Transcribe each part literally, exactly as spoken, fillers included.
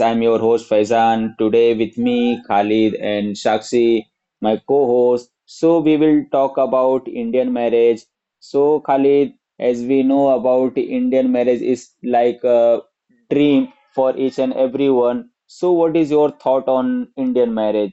I'm your host Faizan. Today with me, Khalid and Shakshi, my co-host. So we will talk about Indian marriage. So Khalid, as we know about Indian marriage is like a dream for each and everyone. So what is your thought on Indian marriage?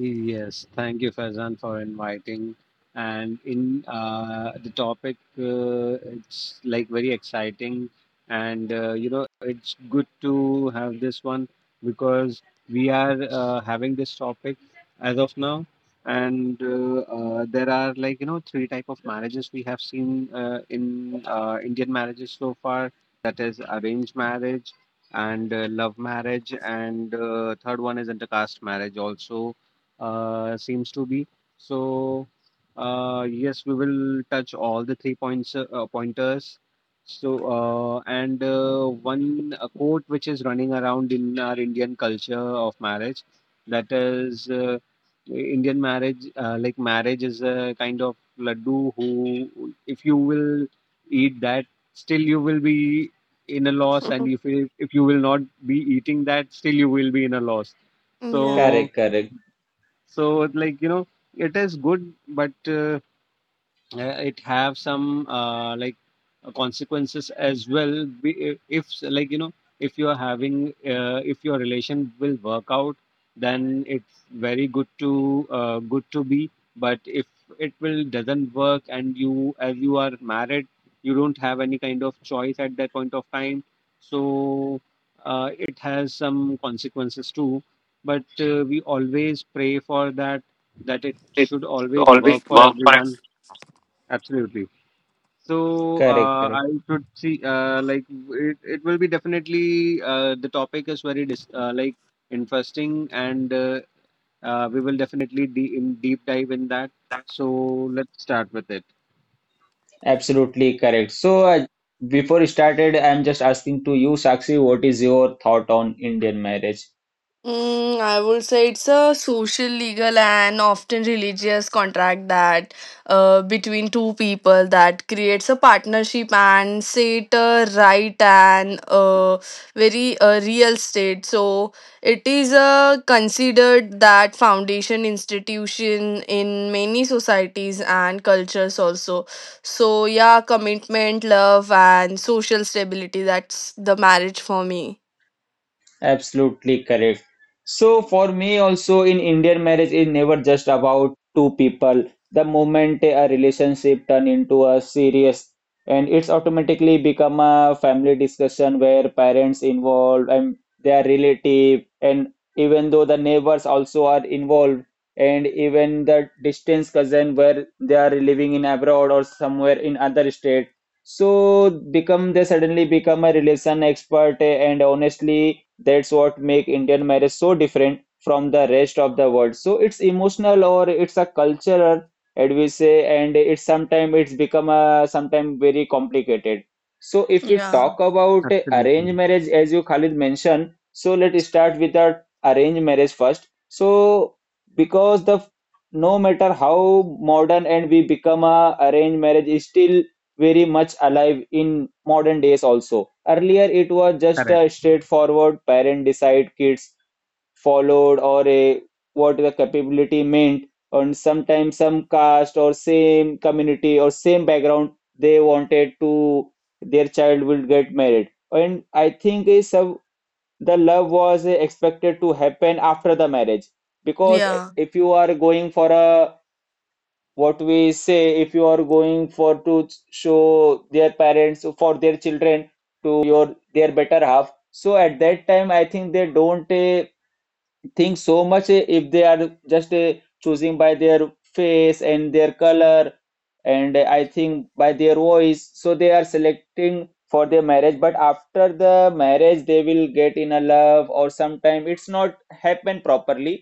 Yes, thank you, Faizan, for inviting. And in uh, the topic, uh, it's like very exciting, and uh, you know, it's good to have this one because we are uh, having this topic as of now, and uh, uh, there are, like, you know three type of marriages we have seen uh, in uh, Indian marriages so far. That is arranged marriage, and uh, love marriage, and uh, third one is intercaste marriage also uh, seems to be. So, uh, yes, we will touch all the three points uh, pointers. So, uh, and uh, one a quote which is running around in our Indian culture of marriage, that is, uh, Indian marriage, uh, like marriage is a kind of laddu who, if you will eat that, still you will be in a loss, and if you, if you will not be eating that, still you will be in a loss. Yeah. So Correct, correct, so like, you know, it is good, but uh, uh, it have some uh, like uh, consequences as well. Be- if, like, you know, if you are having uh, if your relation will work out, then it's very good to uh, good to be, but if it will doesn't work and you, as you are married, you don't have any kind of choice at that point of time. So uh, it has some consequences too, but uh, we always pray for that, that it should always work for everyone. Absolutely. So correct, uh, correct. I could see uh, like it, it will be definitely uh, the topic is very dis- uh, like interesting, and uh, uh, we will definitely de- in deep dive in that. So let's start with it. Absolutely correct. So uh, before started, I'm just asking to you, Shakshi, what is your thought on Indian marriage? Mm, I would say it's a social, legal, and often religious contract that uh, between two people that creates a partnership and set a right and uh, very uh, real state. So it is uh, considered that foundation institution in many societies and cultures also. So yeah, commitment, love, and social stability. That's the marriage for me. Absolutely correct. So for me also in Indian marriage is never just about two people. The moment a relationship turn into a serious and it's automatically become a family discussion where parents involved and their relative and even though the neighbors also are involved and even the distance cousin where they are living in abroad or somewhere in other state. So become they suddenly become a relation expert. And honestly that's what make Indian marriage so different from the rest of the world. So it's emotional or it's a cultural as we say, and it's sometimes it's become a sometimes very complicated. So if you Yeah. talk about uh, Absolutely. arranged marriage as you Khalid mentioned, so let's start with the arranged marriage first. So because the no matter how modern and we become a arranged marriage is still very much alive in modern days also. Earlier, it was just Correct. a straightforward parent decide kids followed or a what the capability meant, and sometimes some caste or same community or same background they wanted to their child will get married. And I think is some the love was expected to happen after the marriage, because Yeah, if you are going for a what we say if you are going for to show their parents for their children to your their better half, so at that time I think they don't uh, think so much eh, if they are just eh, choosing by their face and their color and eh, I think by their voice, so they are selecting for their marriage. But after the marriage they will get in a love, or sometime it's not happen properly.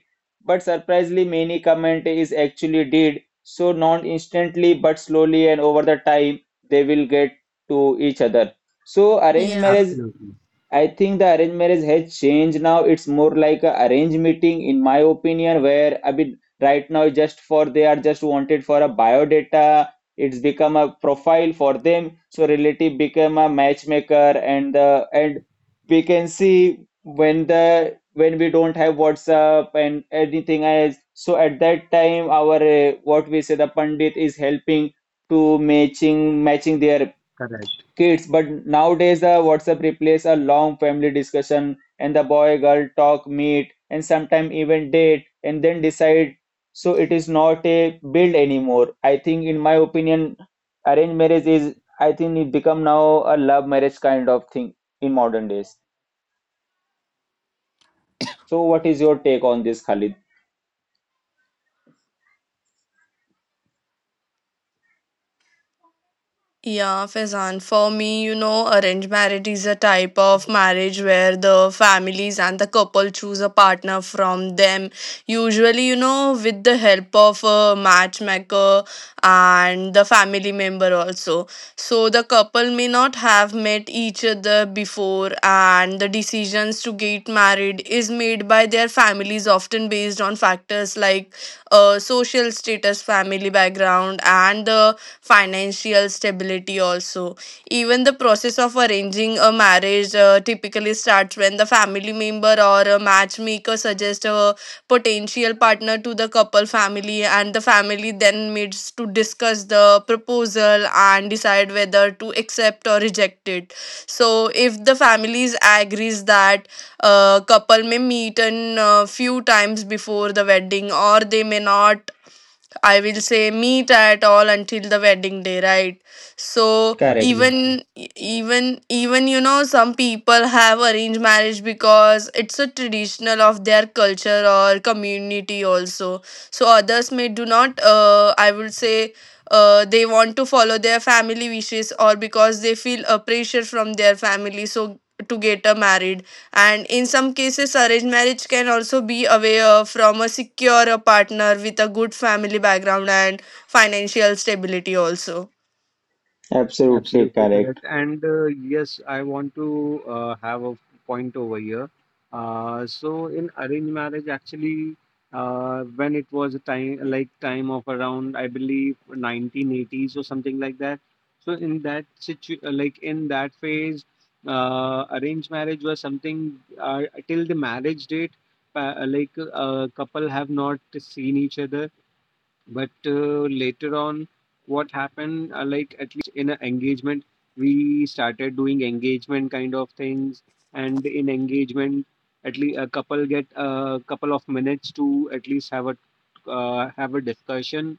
But surprisingly many comment is actually did, so not instantly but slowly and over the time they will get to each other. So arranged yeah, marriage, Absolutely. I think the arranged marriage has changed now. It's more like a arranged meeting, in my opinion, where I mean, right now, just for they are just wanted for a biodata. It's become a profile for them. So relative become a matchmaker, and the and we can see when the when we don't have WhatsApp and anything else. So at that time, our uh, what we say the pandit is helping to matching matching their Correct. kids, but nowadays the WhatsApp replaces a long family discussion and the boy girl talk, meet, and sometimes even date and then decide. So it is not a build anymore. I think, in my opinion, arranged marriage is, I think, it become now a love marriage kind of thing in modern days. So, what is your take on this, Khalid? yeah, Faizan. For me, you know, arranged marriage is a type of marriage where the families and the couple choose a partner from them. Usually, you know, with the help of a matchmaker and the family member also. So the couple may not have met each other before, and the decisions to get married is made by their families, often based on factors like uh, social status, family background, and the financial stability also. Even the process of arranging a marriage uh, typically starts when the family member or a matchmaker suggests a potential partner to the couple family, and the family then meets to discuss the proposal and decide whether to accept or reject it. So if the families agrees that a couple may meet in a few times before the wedding, or they may not, I will say, meet at all until the wedding day, right? So Correct. Absolutely, even even even you know some people have arranged marriage because it's a traditional of their culture or community also. So others may do not. Uh, I would say. Uh, they want to follow their family wishes, or because they feel a pressure from their family so to get a married. And in some cases, arranged marriage can also be away uh, from a secure uh, partner with a good family background and financial stability also. Absolutely absolutely correct. correct. And uh, yes, I want to uh, have a point over here. Uh, so in arranged marriage, actually, uh, when it was a time like time of around, I believe nineteen eighties or something like that. So in that situ, uh, like in that phase, uh, arranged marriage was something uh, till the marriage date, pa- like a couple have not seen each other, but uh, later on what happened, uh, like at in an engagement, we started doing engagement kind of things, and in engagement at least a couple get a couple of minutes to at least have a uh, have a discussion.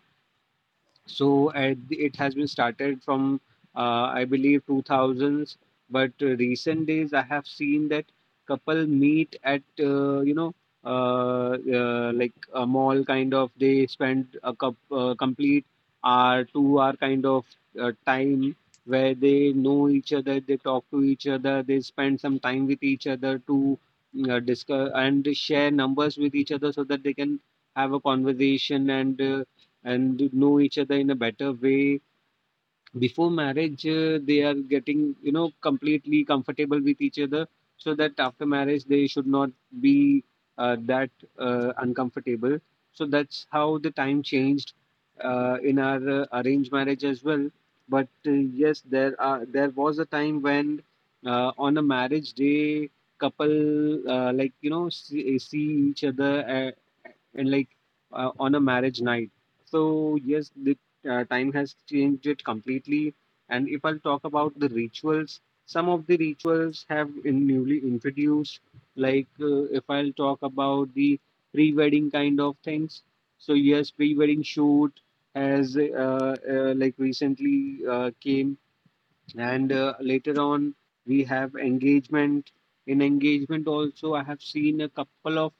So uh, it has been started from uh, I believe two thousands, but uh, recent days I have seen that couple meet at uh, you know uh, uh, like a mall kind of. They spend a cup, uh, complete hour two hour kind of uh, time, where they know each other, they talk to each other, they spend some time with each other to uh, discuss and share numbers with each other, so that they can have a conversation and uh, and know each other in a better way. Before marriage uh, they are getting, you know, completely comfortable with each other, so that after marriage they should not be uh, that uh, uncomfortable. So that's how the time changed uh, in our uh, arranged marriage as well, but uh, yes, there are, there was a time when uh, on a marriage day couple uh, like, you know, see, see each other uh, and like uh, on a marriage night. So yes, uh, time has changed it completely. And if I'll talk about the rituals, some of the rituals have in newly introduced, like uh, if I'll talk about the pre wedding kind of things. So, yes, pre wedding shoot has uh, uh, like recently uh, came, and uh, later on we have engagement. In engagement also I have seen a couple of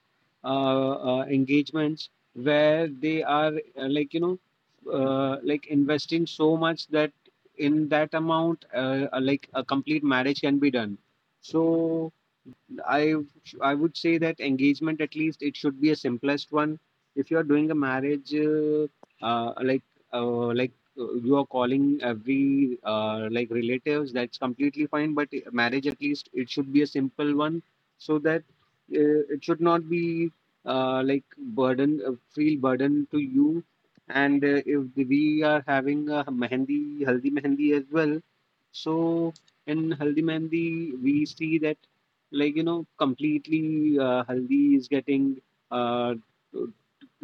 uh, uh, engagements where they are uh, like, you know, uh, like investing so much that in that amount uh, uh, like a complete marriage can be done. So I I would say that engagement at least it should be a simplest one. If you are doing a marriage, uh, uh, like uh, like uh, you are calling every uh, like relatives, that's completely fine, but marriage at least it should be a simple one, so that uh, it should not be uh, like burden uh, feel burden to you. And uh, if we are having a mehendi haldi mehendi as well, so in haldi mehendi we see that, like, you know, completely uh, haldi is getting uh,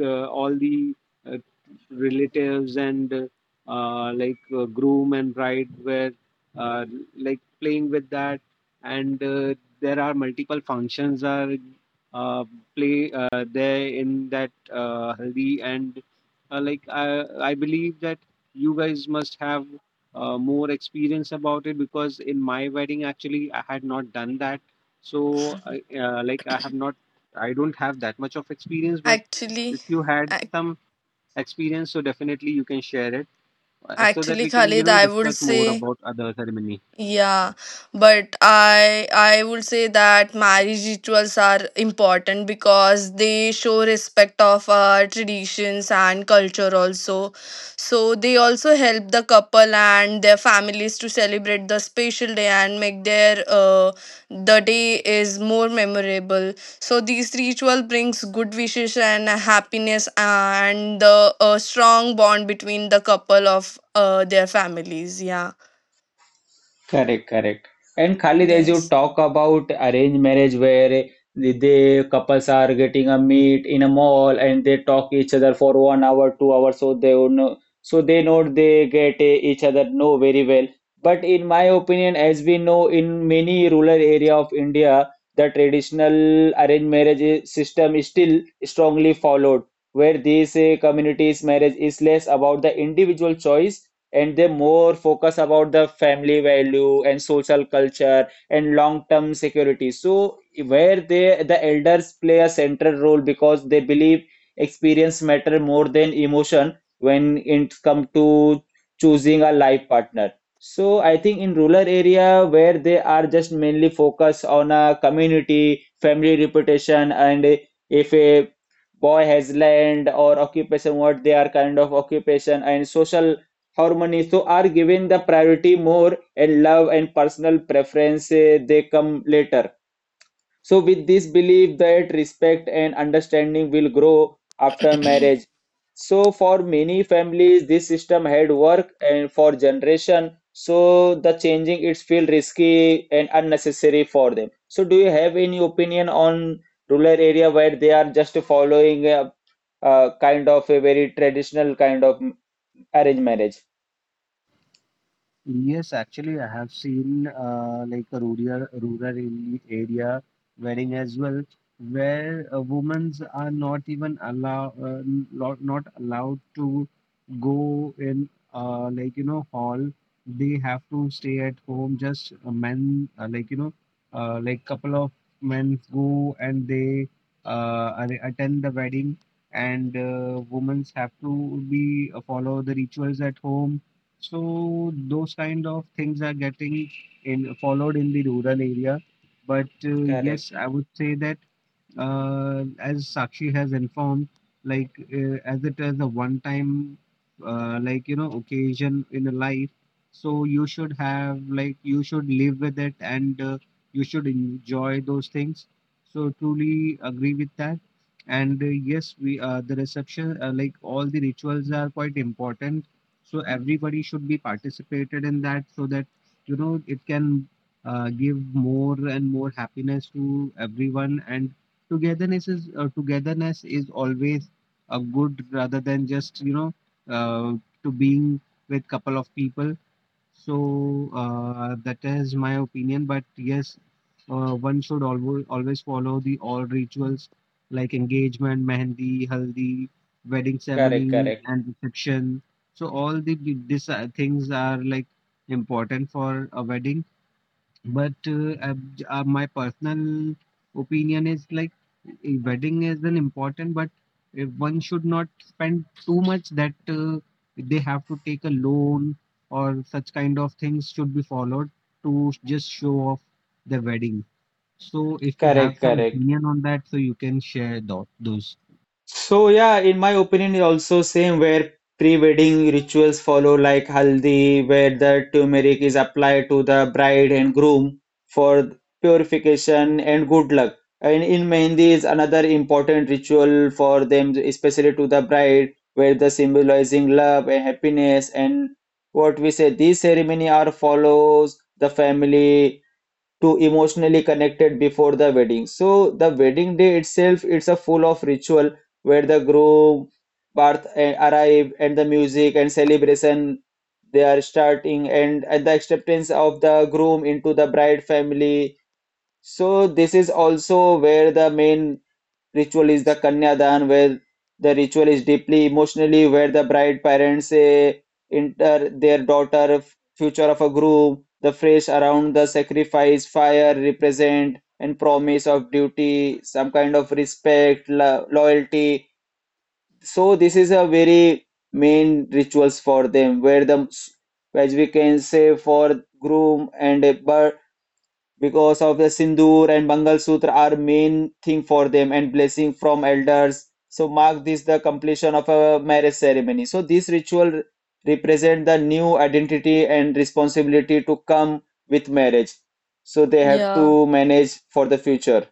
uh, all the uh, relatives and uh, uh, like uh, groom and bride were uh, like playing with that, and uh, there are multiple functions are uh, play uh, there in that uh, haldi. And uh, like I, I believe that you guys must have uh, more experience about it, because in my wedding actually I had not done that, so I, uh, like I have not, I don't have that much of experience, but if Actually, you had ac- some experience, so definitely you can share it, uh, so that actually we can, you Khalid, know, I would discuss more say. about other ceremonies. Yeah, but I I would say that marriage rituals are important because they show respect of our traditions and culture also. So they also help the couple and their families to celebrate the special day and make their uh, the day is more memorable. So these ritual brings good wishes and happiness uh, and the a strong bond between the couple of uh, their families. Yeah. Correct, correct. And Khalid, as you Yes. talk about arranged marriage where the they couples are getting a meet in a mall and they talk each other for one hour, two hours, so they would know, so they know they get eh, each other know very well. But in my opinion, as we know, in many rural area of India, the traditional arranged marriage eh, system is still strongly followed, where this eh, community's marriage is less about the individual choice and they more focus about the family value and social culture and long-term security. So where they the elders play a central role because they believe experience matter more than emotion when it come to choosing a life partner. So I think in rural area where they are just mainly focus on a community, family reputation, and if a boy has land or occupation what they are kind of occupation and social harmony so are given the priority more and love and personal preference eh, they come later, so with this belief that respect and understanding will grow after marriage. So, for many families, this system had worked, and for generation, so the changing it feel risky and unnecessary for them. So, do you have any opinion on rural area where they are just following a, a kind of a very traditional kind of arranged marriage? Yes, actually, I have seen uh, like a rural rural area area wedding as well, where uh, women are not even allow uh, not, not allowed to go in uh, like, you know, hall. They have to stay at home. Just uh, men uh, like, you know, uh, like couple of men go and they uh, are- attend the wedding, and uh, women have to be uh, follow the rituals at home. So those kind of things are getting in followed in the rural area. But uh, yes, Correct, I would say that uh, as Sakshi has informed, like uh, as it is a one-time, uh, like, you know, occasion in a life. So you should have, like, you should live with it, and uh, you should enjoy those things. So truly agree with that. And uh, yes, we uh, the reception uh, like all the rituals are quite important. So everybody should be participated in that, so that, you know, it can uh, give more and more happiness to everyone, and togetherness is uh, togetherness is always a good, rather than just, you know, uh, to being with couple of people. So uh, that is my opinion, but yes, uh, one should always always follow the all rituals like engagement, Mehendi, haldi, wedding correct, ceremonies correct, and reception. So all the, the these uh, things are like important for a wedding, but uh, uh, uh, my personal opinion is like, eh, wedding is an important, but eh, one should not spend too much that uh, they have to take a loan or such kind of things should be followed to just show off the wedding. So if you have correct, some correct. opinion on that, so you can share tho- those. So yeah, in my opinion, it also same where pre-wedding rituals follow like haldi, where the turmeric is applied to the bride and groom for purification and good luck. And in mehendi is another important ritual for them, especially to the bride, where the symbolizing love and happiness and what we say. These ceremony are follows the family to emotionally connected before the wedding. So the wedding day itself it's a full of ritual where the group Parth eh, arrive and the music and celebration they are starting and at the acceptance of the groom into the bride family. So this is also where the main ritual is the Kanyadan, where the ritual is deeply emotionally where the bride parents eh, enter their daughter f- future of a groom, the phrase around the sacrifice, fire represent and promise of duty, some kind of respect, lo- loyalty. So this is a very main rituals for them where the as we can say for groom and a bird because of the sindoor and Bangal Sutra are main thing for them and blessing from elders. So mark this the completion of a marriage ceremony. So this ritual represent the new identity and responsibility to come with marriage. So they have Yeah, to manage for the future.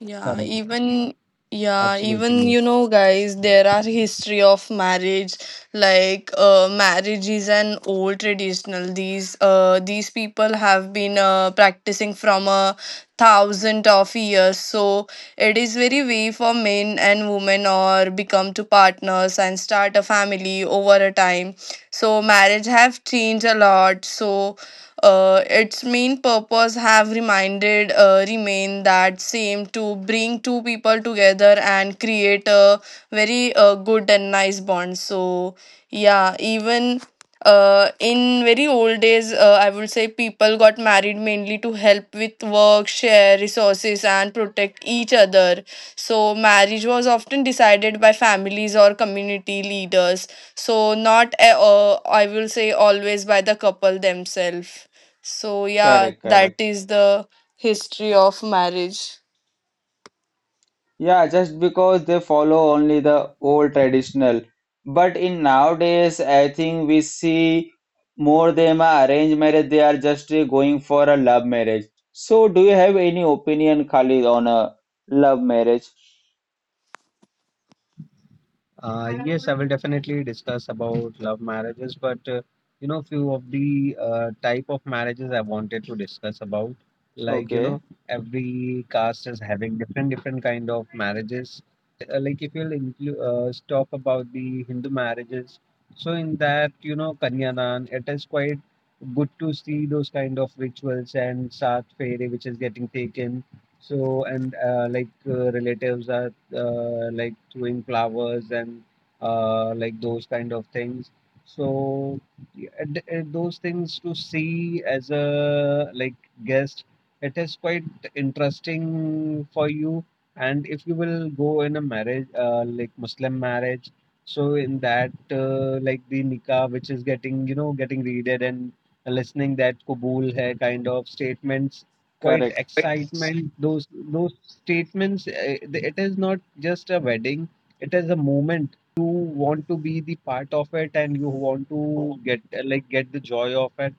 yeah, Correct. even, yeah, even, Absolutely. you know, guys, there are history of marriage. Like, uh, marriage is an old traditional. These uh, these people have been uh, practicing from a thousand of years. So it is very way for men and women or become to partners and start a family over a time. So marriage have changed a lot. So Uh, its main purpose have reminded uh, remain that same, to bring two people together and create a very uh, good and nice bond. So yeah, even uh, in very old days, uh, I would say people got married mainly to help with work, share resources, and protect each other. So, marriage was often decided by families or community leaders. So, not, uh, I will say, always by the couple themselves. So, yeah, Correct, that correct. is the history of marriage. Yeah, just because they follow only the old traditional. But in nowadays, I think we see more them are arranged marriage. They are just uh, going for a love marriage. So, do you have any opinion, Khalid, on a love marriage? Uh, yes, I will definitely discuss about love marriages, but uh, you know, few of the uh, type of marriages I wanted to discuss about. Like, you know, Okay, every caste is having different different kind of marriages. Uh, like if you'll include uh, talk about the Hindu marriages, so in that, you know, Kanyadan, it is quite good to see those kind of rituals, and Sat Fere which is getting taken. So and uh, like uh, relatives are uh, like throwing flowers, and uh, like those kind of things. So yeah, and- and those things to see as a like guest, it is quite interesting for you. And if you will go in a marriage, uh, like Muslim marriage, so in that uh, like the nikah, which is getting, you know, getting readed, and listening that kabul hai kind of statements quite correct, excitement, those those statements, uh, it is not just a wedding, it is a moment you want to be the part of it, and you want to get uh, like get the joy of it.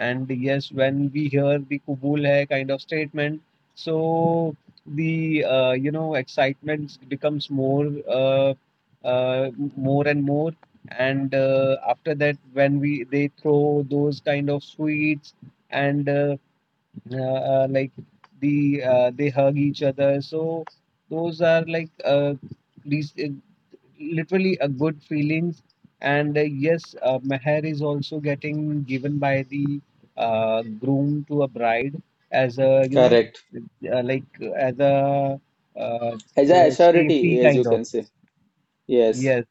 And yes, when we hear the Kubul hai kind of statement, so the uh, you know excitement becomes more uh, uh, more and more. And uh, after that, when we they throw those kind of sweets, and uh, uh, uh, like the uh, they hug each other, so those are like uh, these uh, literally a good feelings. And uh, yes, uh, meher is also getting given by the uh, groom to a bride as a, you know, correct. uh, like uh, as a uh, As a uh, safety surety, as you kind of. can say, yes. Yes,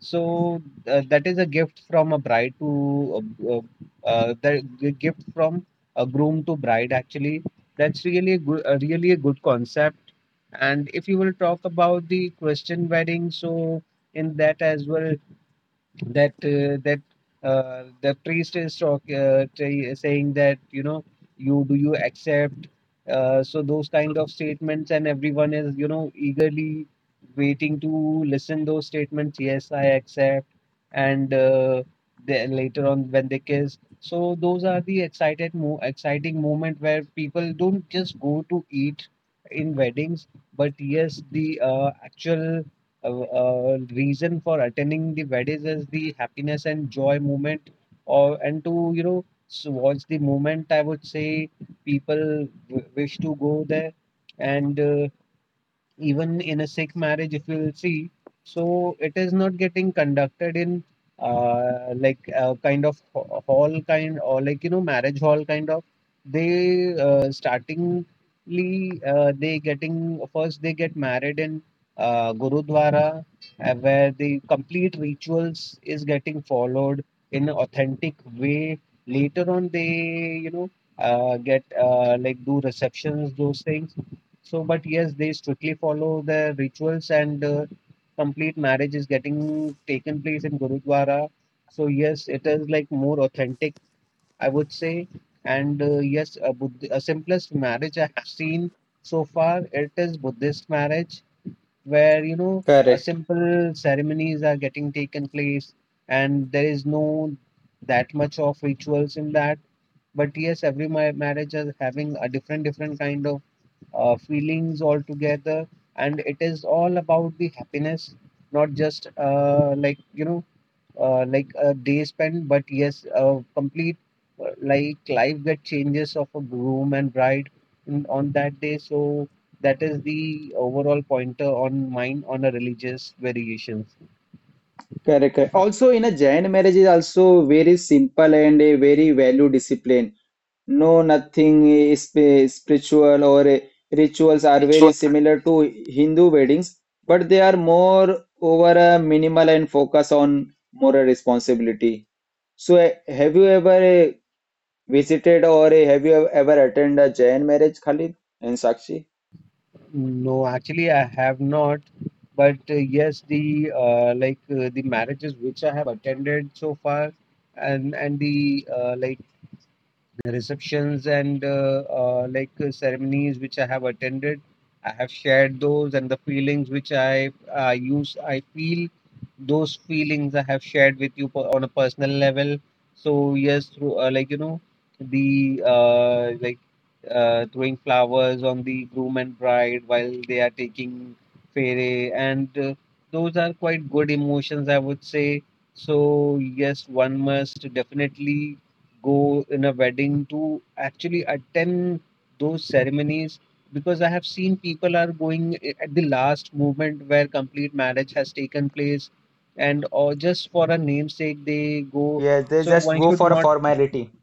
so uh, that is a gift from a bride to uh, uh, uh, the g- gift from a groom to bride. Actually, that's really a good, uh, really a good concept. And if you will talk about the Christian wedding, so in that as well, that uh, that uh, the priest is talk, uh, say- saying that you know you do you accept, uh, so those kind of statements, and everyone is you know eagerly waiting to listen those statements, yes I accept. And uh, then later on when they kiss, so those are the excited mo- exciting moment where people don't just go to eat in weddings, but yes the uh, actual a, a reason for attending the weddings is the happiness and joy moment, or and to you know s- watch the moment, I would say, people w- wish to go there. And uh, even in a Sikh marriage, if you will see, so it is not getting conducted in uh, like a kind of ho- hall kind, or like you know marriage hall kind of. They uh, startingly uh, they getting first they get married in uh, Gurudwara, uh, where the complete rituals is getting followed in an authentic way. Later on, they you know uh, get uh, like do receptions, those things. So, but yes, they strictly follow their rituals, and uh, complete marriage is getting taken place in Gurudwara. So yes, it is like more authentic, I would say. And uh, yes, a, Buddh a simplest marriage I have seen so far, it is Buddhist marriage where, you know, a Correct, simple ceremonies are getting taken place, and there is no that much of rituals in that. But yes, every ma marriage is having a different, different kind of uh, feelings altogether, and it is all about the happiness, not just uh, like you know, uh, like a day spent, but yes, a complete uh, like life that changes of a groom and bride in, on that day. So that is the overall pointer on mine on a religious variations. correct, correct. Also, in a Jain marriage is also very simple and a very value discipline. No, nothing is sp- spiritual or uh, rituals are very similar to Hindu weddings, but they are more over a minimal and focus on moral responsibility. So, uh, have you ever uh, visited or uh, have you ever attended a Jain marriage, Khalid and Sakshi? No, actually, I have not. But uh, yes, the uh, like uh, the marriages which I have attended so far, and and the uh, like receptions and uh, uh, like uh, ceremonies which I have attended, I have shared those, and the feelings which I uh, use. I feel, those feelings I have shared with you per- on a personal level. So yes, through uh, like you know the uh, like uh, throwing flowers on the groom and bride while they are taking fairy, and uh, those are quite good emotions, I would say. So yes, one must definitely go in a wedding to actually attend those ceremonies, because I have seen people are going i- at the last moment where complete marriage has taken place, and or just for a namesake they go. Yes, they So just one go should for a not formality.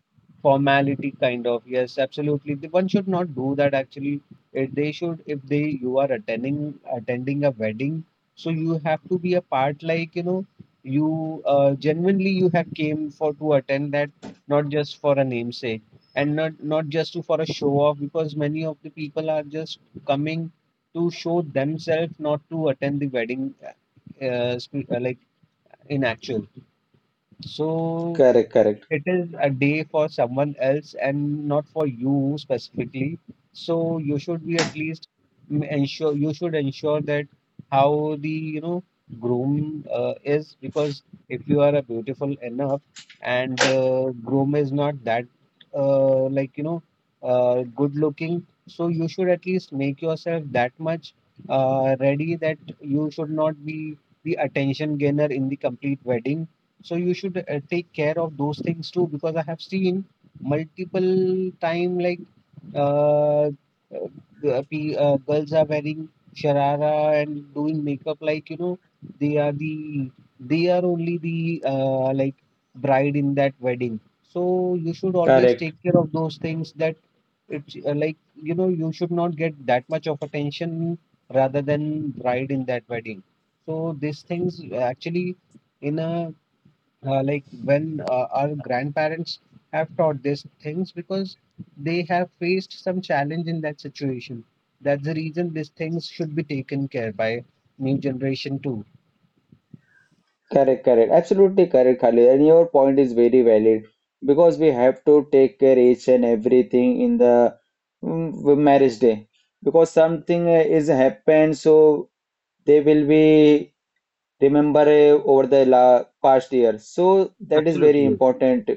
formality kind of, yes, absolutely. The- one should not do that actually, if they should, if they, you are attending, attending a wedding, so you have to be a part, like you know you uh, genuinely you have came for to attend that, not just for a namesake, and not not just to for a show off. Because many of the people are just coming to show themselves, not to attend the wedding, uh, uh, sp- uh, like in actual. So Correct, correct. it is a day for someone else and not for you specifically, so you should be at least m- ensure, you should ensure, that how the you know groom uh, is. Because if you are a beautiful enough and uh, groom is not that uh, like you know uh, good looking, so you should at least make yourself that much uh, ready that you should not be the attention gainer in the complete wedding. So you should uh, take care of those things too, because I have seen multiple time, like uh, uh, uh, pe- uh, girls are wearing sharara and doing makeup, like you know they are the, they are only the uh, like bride in that wedding. So you should always Correct. take care of those things, that it's uh, like you know you should not get that much of attention rather than bride in that wedding. So these things actually in a uh, like when uh, our grandparents have taught these things, because they have faced some challenge in that situation. That's the reason these things should be taken care by new generation too. Correct, correct. Absolutely correct, Khalid. And your point is very valid because we have to take care each and everything in the mm, marriage day because something uh, is happened, so they will be remember uh, over the la past year. So that is very Yes. important.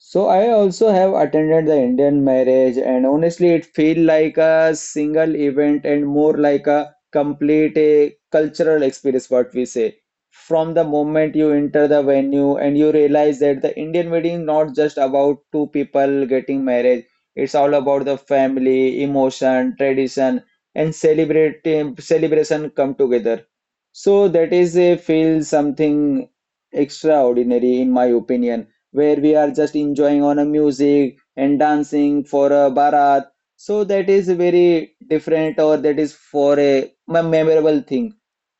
So I also have attended the Indian marriage, and honestly it feel like a single event and more like a complete a cultural experience what we say. From the moment you enter the venue and you realize that the Indian wedding not just about two people getting married, it's all about the family, emotion, tradition and celebrating celebration come together. So that is a feel something extraordinary in my opinion where we are just enjoying on a music and dancing for a barat. So that is very different, or that is for a mem- memorable thing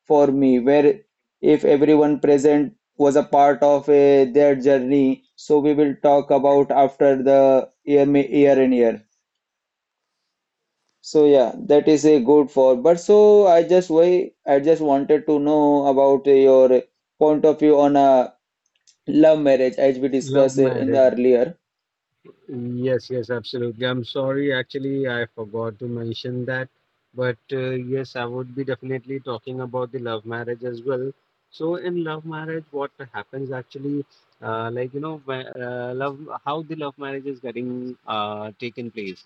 for me, where if everyone present was a part of a, their journey, so we will talk about after the year, ma- year and year. So yeah, that is a good for. But so I just why I just wanted to know about your point of view on a love marriage as we Love discussed in the marriage. earlier. Yes, yes, absolutely. I'm sorry, actually, I forgot to mention that. But uh, yes, I would be definitely talking about the love marriage as well. So, in love marriage, what happens actually, uh, like, you know, wh- uh, love, how the love marriage is getting uh, taken place.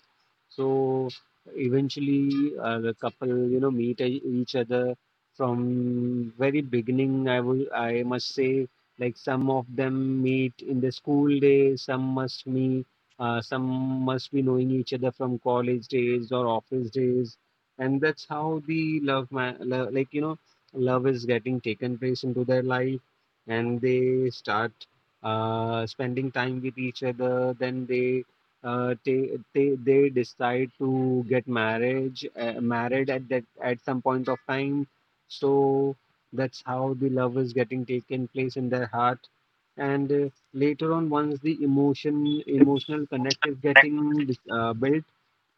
So, eventually, uh, the couple, you know, meet e- each other from very beginning, I would, I must say. Like, some of them meet in the school days, some must meet, uh, some must be knowing each other from college days or office days, and that's how the love, ma- lo- like you know, love is getting taken place into their life, and they start uh, spending time with each other. Then they uh, they, they they decide to get marriage uh, married at that, at some point of time. So that's how the love is getting taken place in their heart. And uh, later on, once the emotion emotional connect is getting dis- uh, built,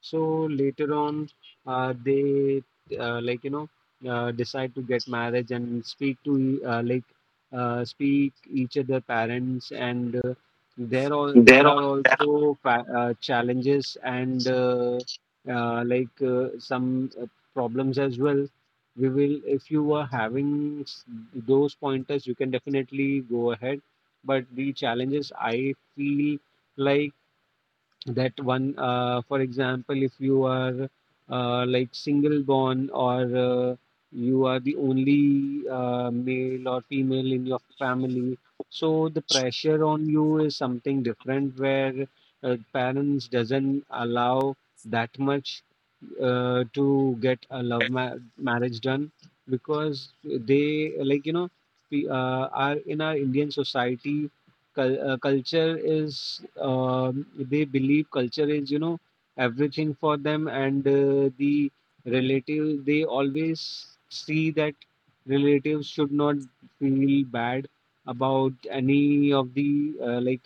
so later on uh, they uh, like you know uh, decide to get marriage, and speak to e- uh, like uh, speak each other parents. And uh, there are there are also fa- uh, challenges, and uh, uh, like uh, some uh, problems as well. We will, if you are having s- those pointers, you can definitely go ahead. But the challenges I feel, like that one, uh, for example, if you are uh, like single born, or uh, you are the only uh, male or female in your family, so the pressure on you is something different, where uh, parents doesn't allow that much uh, to get a love ma- marriage done, because they, like you know we uh, are in our Indian society. Cul- uh, culture is, um, they believe culture is you know everything for them. And uh, the relative, they always see that relatives should not feel bad about any of the uh, like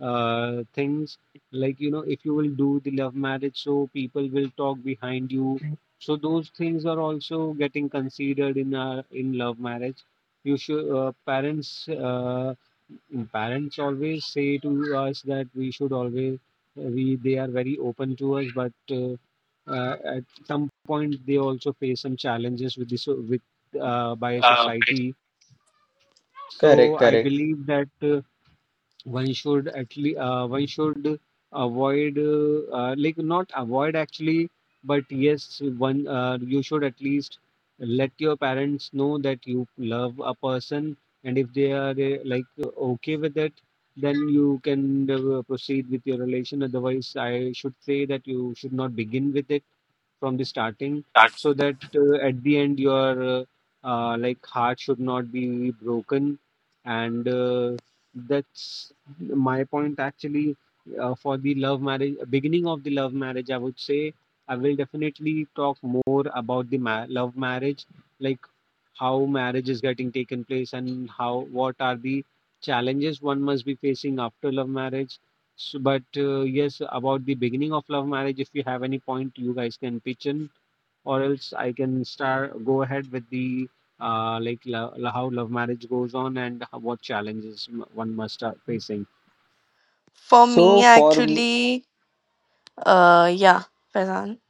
uh, things, like you know if you will do the love marriage, so people will talk behind you. So those things are also getting considered in uh, in love marriage. You should uh, parents uh, mm, parents always say to us that we should always, we, they are very open to us, but uh, uh, at some point they also face some challenges with this, with uh, by society. So Correct, I correct. believe that uh, one should actually uh, one should avoid, uh, uh, like not avoid actually, but yes, one uh, you should at least let your parents know that you love a person, and if they are uh, like uh, okay with it, then you can uh, proceed with your relation. Otherwise, I should say that you should not begin with it from the starting, so that uh, at the end your uh, uh, like heart should not be broken. And uh, that's my point actually, uh, for the love marriage, beginning of the love marriage, I would say. I will definitely talk more about the ma- love marriage, like how marriage is getting taken place, and how, what are the challenges one must be facing after love marriage. So, but uh, yes, about the beginning of love marriage, if you have any point, you guys can pitch in, or else I can start, go ahead with the uh, like lo- lo- how love marriage goes on, and how, what challenges m- one must start facing. For so me, for. m- actually, uh, yeah, Faizan.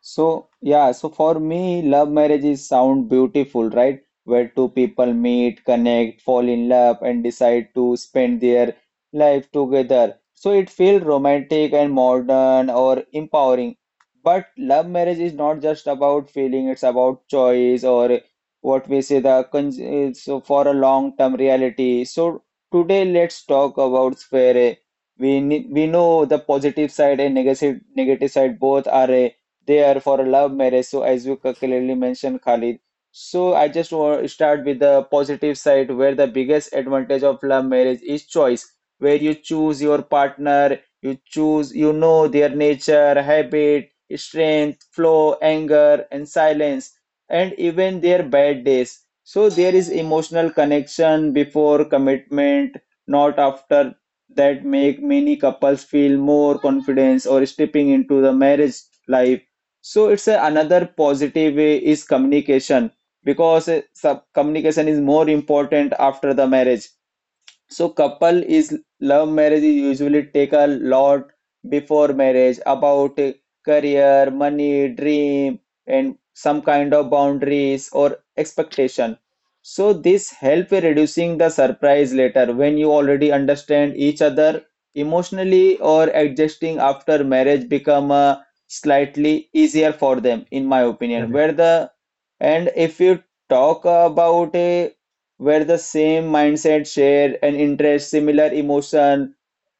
So, yeah, so for me, love marriage is sound beautiful, right? Where two people meet, connect, fall in love, and decide to spend their life together. So it feels romantic and modern or empowering. But love marriage is not just about feeling, it's about choice or what we say the con uh, so for a long-term reality. So today let's talk about where uh, we ne- we know the positive side and negative negative side both are uh, they are for a love marriage. So as you c- clearly mentioned, Khalid. So I just want to start with the positive side, where the biggest advantage of love marriage is choice, where you choose your partner, you choose, you know their nature, habit, strength, flow, anger, and silence, and even their bad days. So there is emotional connection before commitment, not after that make many couples feel more confidence or stepping into the marriage life. So it's a, another positive way is communication, because uh, sub- communication is more important after the marriage. So couple is love marriage is usually take a lot before marriage about uh, career, money, dream, and some kind of boundaries or expectation. So this help in reducing the surprise later when you already understand each other emotionally or adjusting after marriage become uh, slightly easier for them, in my opinion. Correct. Where the and if you talk about a where the same mindset share an interest similar emotion,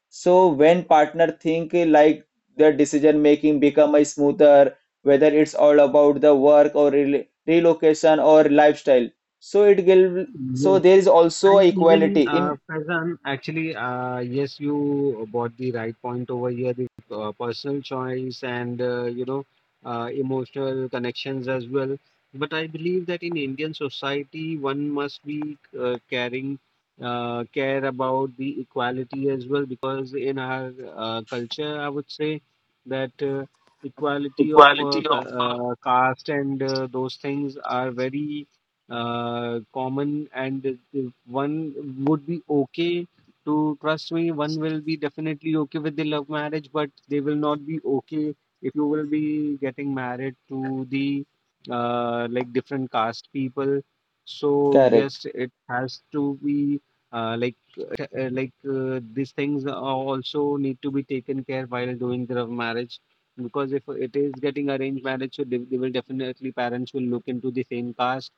so when partner think like their decision making become a smoother whether it's all about the work or rel- relocation or lifestyle. So it will so there is also And even equality uh, in Faizan, actually, uh, yes, you bought the right point over here, the uh, personal choice and uh, you know uh, emotional connections as well. But I believe that in Indian society, one must be uh, caring, uh, care about the equality as well, because in our uh, culture, I would say that uh, equality of uh, ca- uh, caste and uh, those things are very uh, common. And the- the one would be okay to, trust me, one will be definitely okay with the love marriage, but they will not be okay if you will be getting married to the uh, like different caste people. So correct, yes, it has to be uh, like uh, like uh, these things are also need to be taken care while doing the love marriage. Because if it is getting arranged marriage, so they, they will definitely, parents will look into the same caste,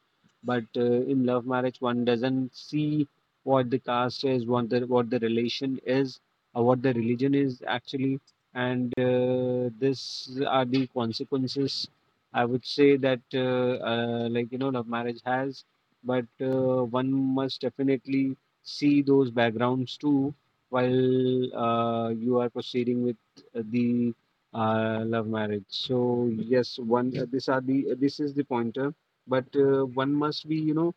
but uh, in love marriage one doesn't see what the caste is, what the what the relation is, or what the religion is actually. And uh, this are the consequences, I would say, that uh, uh, like you know love marriage has. But uh, one must definitely see those backgrounds too, while uh, you are proceeding with uh, the uh, love marriage. So yes, one, uh, these are the uh, this is the pointer. But uh, one must be, you know,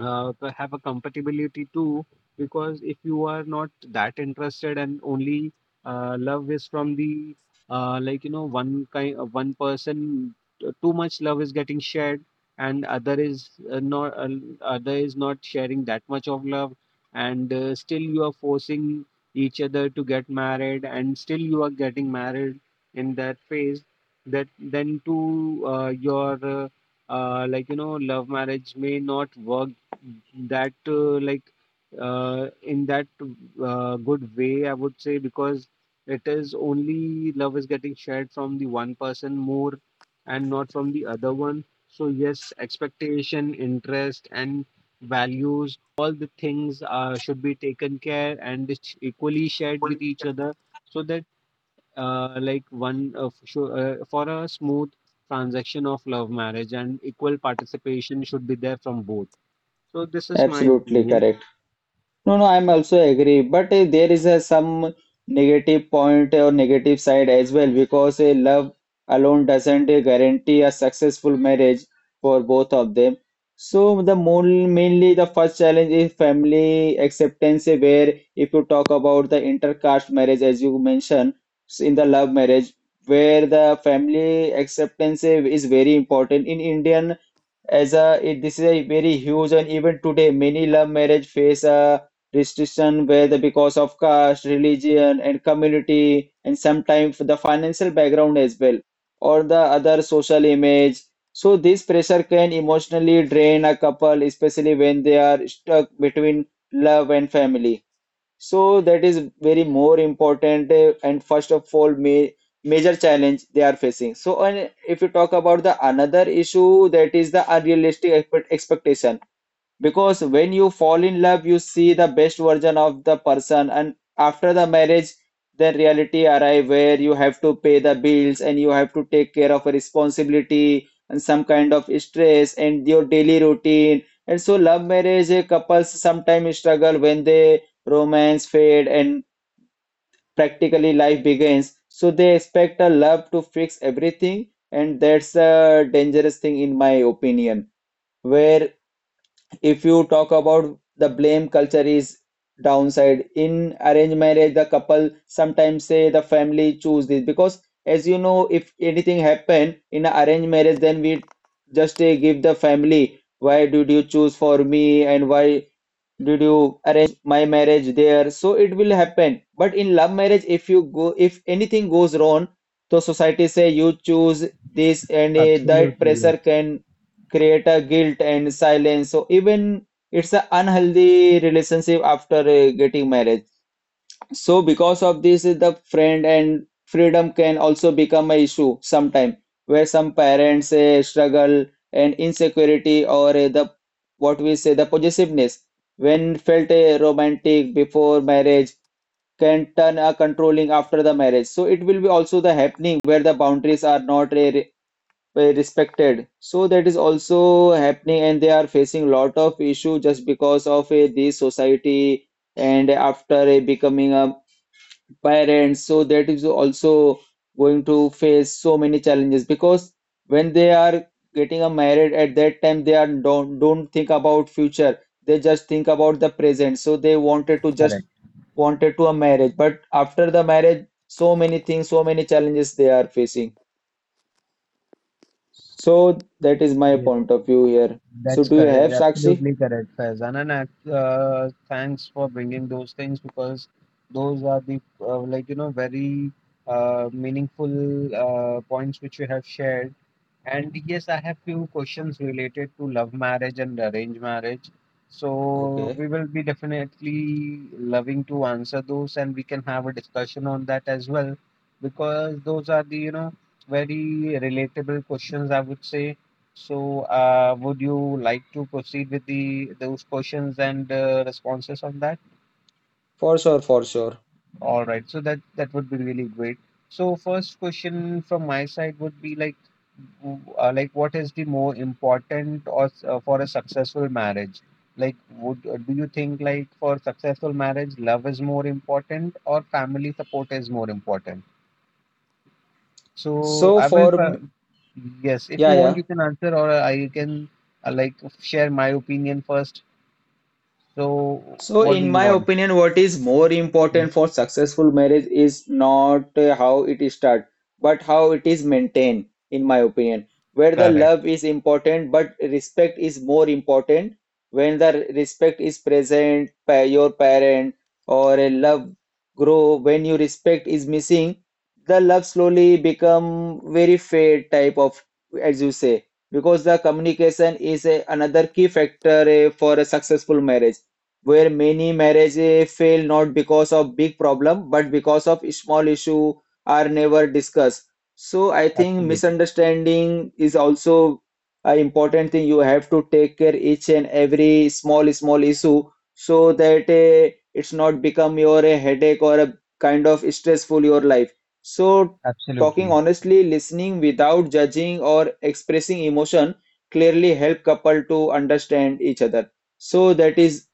uh, c- have a compatibility too, because if you are not that interested and only uh, love is from the uh, like you know one kind, uh, one person t- too much love is getting shared, and other is uh, not, uh, other is not sharing that much of love, and uh, still you are forcing each other to get married, and still You are getting married in that phase, that then to uh, your uh, uh, like you know love marriage may not work that uh, like uh, in that uh, good way, I would say, because it is only love is getting shared from the one person more and not from the other one. So yes, expectation, interest, and values, all the things uh, should be taken care and it's equally shared with each other so that uh, like one uh, f- sure, uh, for a smooth transaction of love marriage, and equal participation should be there from both. So this is my absolutely opinion. correct. No, no, I'm also agree, but eh, there is a some negative point or negative side as well, because a love alone doesn't eh, guarantee a successful marriage for both of them. So the moon, mainly the first challenge is family acceptance, eh, where if you talk about the intercaste marriage as you mentioned s- in the love marriage, where the family acceptance eh, is very important in Indian as a it, this is a very huge, and even today many love marriage face a restriction whether because of caste religion and community and sometimes the financial background as well or the other social image. So this pressure can emotionally drain a couple, especially when they are stuck between love and family. So that is very more important eh, and first of all ma major challenge they are facing. So and if you talk about the another issue, that is the unrealistic expe- expectation, because when you fall in love, you see the best version of the person, and after the marriage, then reality arrive where you have to pay the bills and you have to take care of a responsibility and some kind of stress and your daily routine. And so, love marriage eh, couples sometimes struggle when they romance fade and practically life begins. So they expect a love to fix everything, and that's a dangerous thing in my opinion. Where if you talk about the blame culture is downside in arranged marriage, the couple sometimes say the family choose this, because as you know if anything happen in a arranged marriage, then we just uh, give the family why did you choose for me and why did you arrange my marriage there. So it will happen, but in love marriage if you go if anything goes wrong, so society say you choose this, and eh, that Absolutely, pressure yes, can create a guilt and silence, so even it's an unhealthy relationship after eh, getting marriage. So because of this, the friend and freedom can also become an issue sometime, where some parents eh, struggle and insecurity or eh, the what we say the possessiveness when felt eh, romantic before marriage can turn a controlling after the marriage. So it will be also the happening where the boundaries are not eh, re- eh, respected. So that is also happening, and they are facing lot of issue just because of eh, this society, and after eh, becoming a parents, so that is also going to face so many challenges, because when they are getting a married at that time they are don't don't think about future, they just think about the present. So they wanted to just correct. wanted to a marriage, but after the marriage so many things so many challenges they are facing. So that is my Yes, point of view here. So that's do you correct. have Sakshi Absolutely correct, Faizan. And ac- uh, thanks for bringing those things, because those are the uh, like you know very uh, meaningful uh, points which you have shared. And yes, I have few questions related to love marriage and arranged marriage. So okay we will be definitely loving to answer those, and we can have a discussion on that as well, because those are the, you know, very relatable questions, I would say. So uh, would you like to proceed with the those questions and uh, responses on that? for sure for sure All right. So that that would be really great. So first question from my side would be like, w- uh, like what is the more important or s- uh, for a successful marriage? Like, would uh, do you think like for successful marriage, love is more important or family support is more important? So so I will, for fa- m- yes, if yeah, you want, yeah. you can answer, or I can uh, like share my opinion first. So So, what do in you my want? opinion, what is more Mm, important for successful marriage is not uh, how it is start, but how it is maintained, in my opinion. Where the Correct. love is important, but respect is more important. When the respect is present, pa- your parent or a love grow. When your respect is missing, the love slowly become very fade type of, as you say, because the communication is a, another key factor eh, for a successful marriage, where many marriages fail not because of big problem but because of small issue are never discussed. So I think Absolutely. misunderstanding is also an important thing. You have to take care each and every small small issue, so that uh, it's not become your a headache or a kind of stressful your life. So talking Absolutely. honestly listening without judging or expressing emotion clearly help couple to understand each other. So that is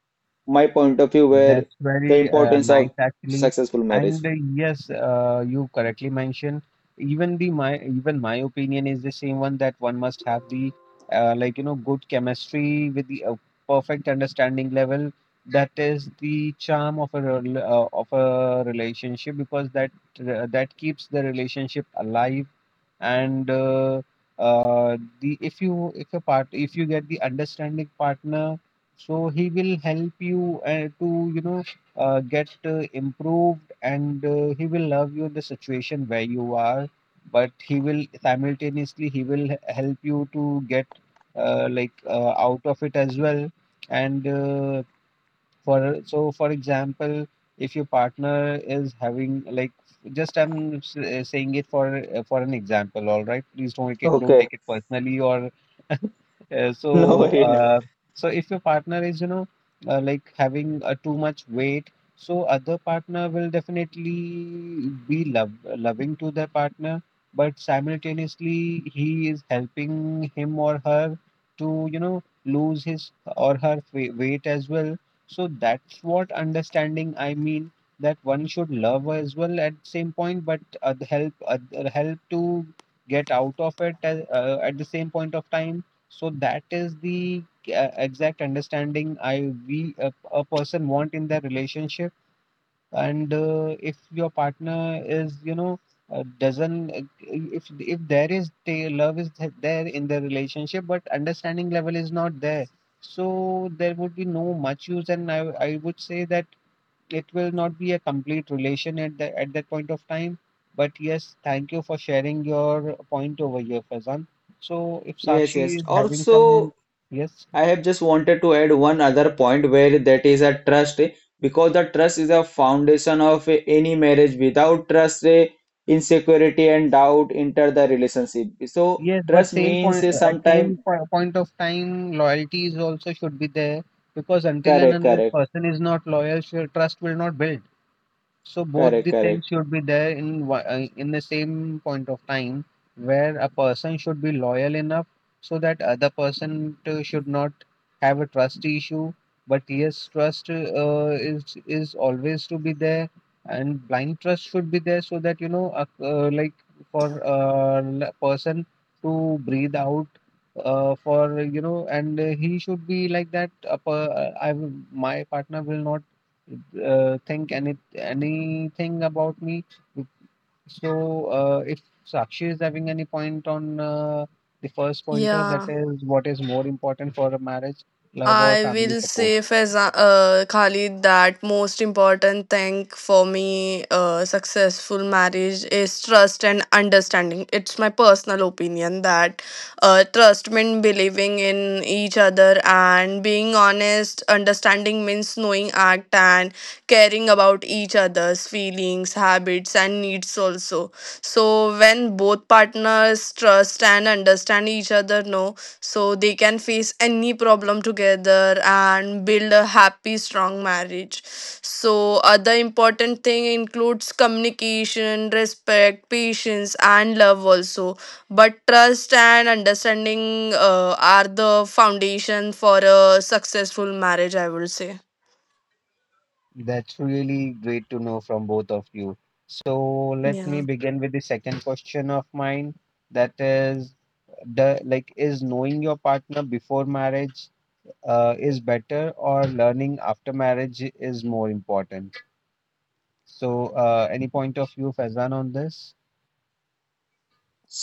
my point of view where That's the very uh, importance of nice, actually. successful marriage. And uh, yes, uh, you correctly mentioned. Even the my even my opinion is the same one, that one must have the uh, like you know good chemistry with the uh, perfect understanding level. That is the charm of a rel- uh, of a relationship, because that uh, that keeps the relationship alive. And uh, uh, the if you if a part if you get the understanding partner, so he will help you uh, to you know uh, get uh, improved, and uh, he will love you in the situation where you are, but he will simultaneously he will h- help you to get uh, like uh, out of it as well. And uh, for so, for example, if your partner is having, like, just I'm s- uh, saying it for uh, for an example, all right? Please don't take it, don't Okay. take it personally. Or uh, No so worry, no. uh, so if your partner is, you know, uh, like having uh, too much weight, so other partner will definitely be love loving to their partner, but simultaneously he is helping him or her to, you know, lose his or her fa- weight as well. So that's what understanding, I mean, that one should love as well at same point, but uh, the help uh, the help to get out of it uh, uh, at the same point of time. So that is the uh, exact understanding I we a, a person want in their relationship. And uh, if your partner is, you know, uh, doesn't uh, if if there is the love is th- there in the relationship but understanding level is not there, so there would be no much use. And i i would say that it will not be a complete relation at the, at that point of time. But yes, thank you for sharing your point over here, fazan so if Yes, Sakshi yes. is having some Also, yes. I have just wanted to add one other point where that is a trust eh, because the trust is a foundation of eh, any marriage. Without trust, eh, insecurity and doubt enter the relationship. So Yes, but trust same point means at sometimes same po- point of time, loyalties also should be there, because until and correct, unless correct, person is not loyal, sure, trust will not build. So both correct, the things correct. should be there in one- uh, in the same point of time, where a person should be loyal enough so that other person to, should not have a trust issue. But yes, trust uh, is is always to be there, and blind trust should be there so that, you know, uh, uh, like for a uh, person to breathe out. Uh, for you know, and uh, he should be like that. Uh, per- uh, I will, my partner will not uh, think any anything about me. So uh, if Sakshi is having any point on uh, the first pointer, that Yeah. is what is more important for a marriage, love or I family will support. say, Faiza, uh, Khalid, that most important thing for me, uh, successful marriage is trust and understanding. It's my personal opinion that uh, trust means believing in each other and being honest. Understanding means knowing act and caring about each other's feelings, habits, and needs also. So when both partners trust and understand each other, no, so they can face any problem together and build a happy strong marriage. So other important thing includes communication, respect, patience, and love also, but trust and understanding uh, are the foundation for a successful marriage, I would say. That's really great to know from both of you. So let me Yeah, begin with the second question of mine. That is, the like, is knowing your partner before marriage uh, is better, or learning after marriage is more important? So uh, any point of view, Faizan, on this?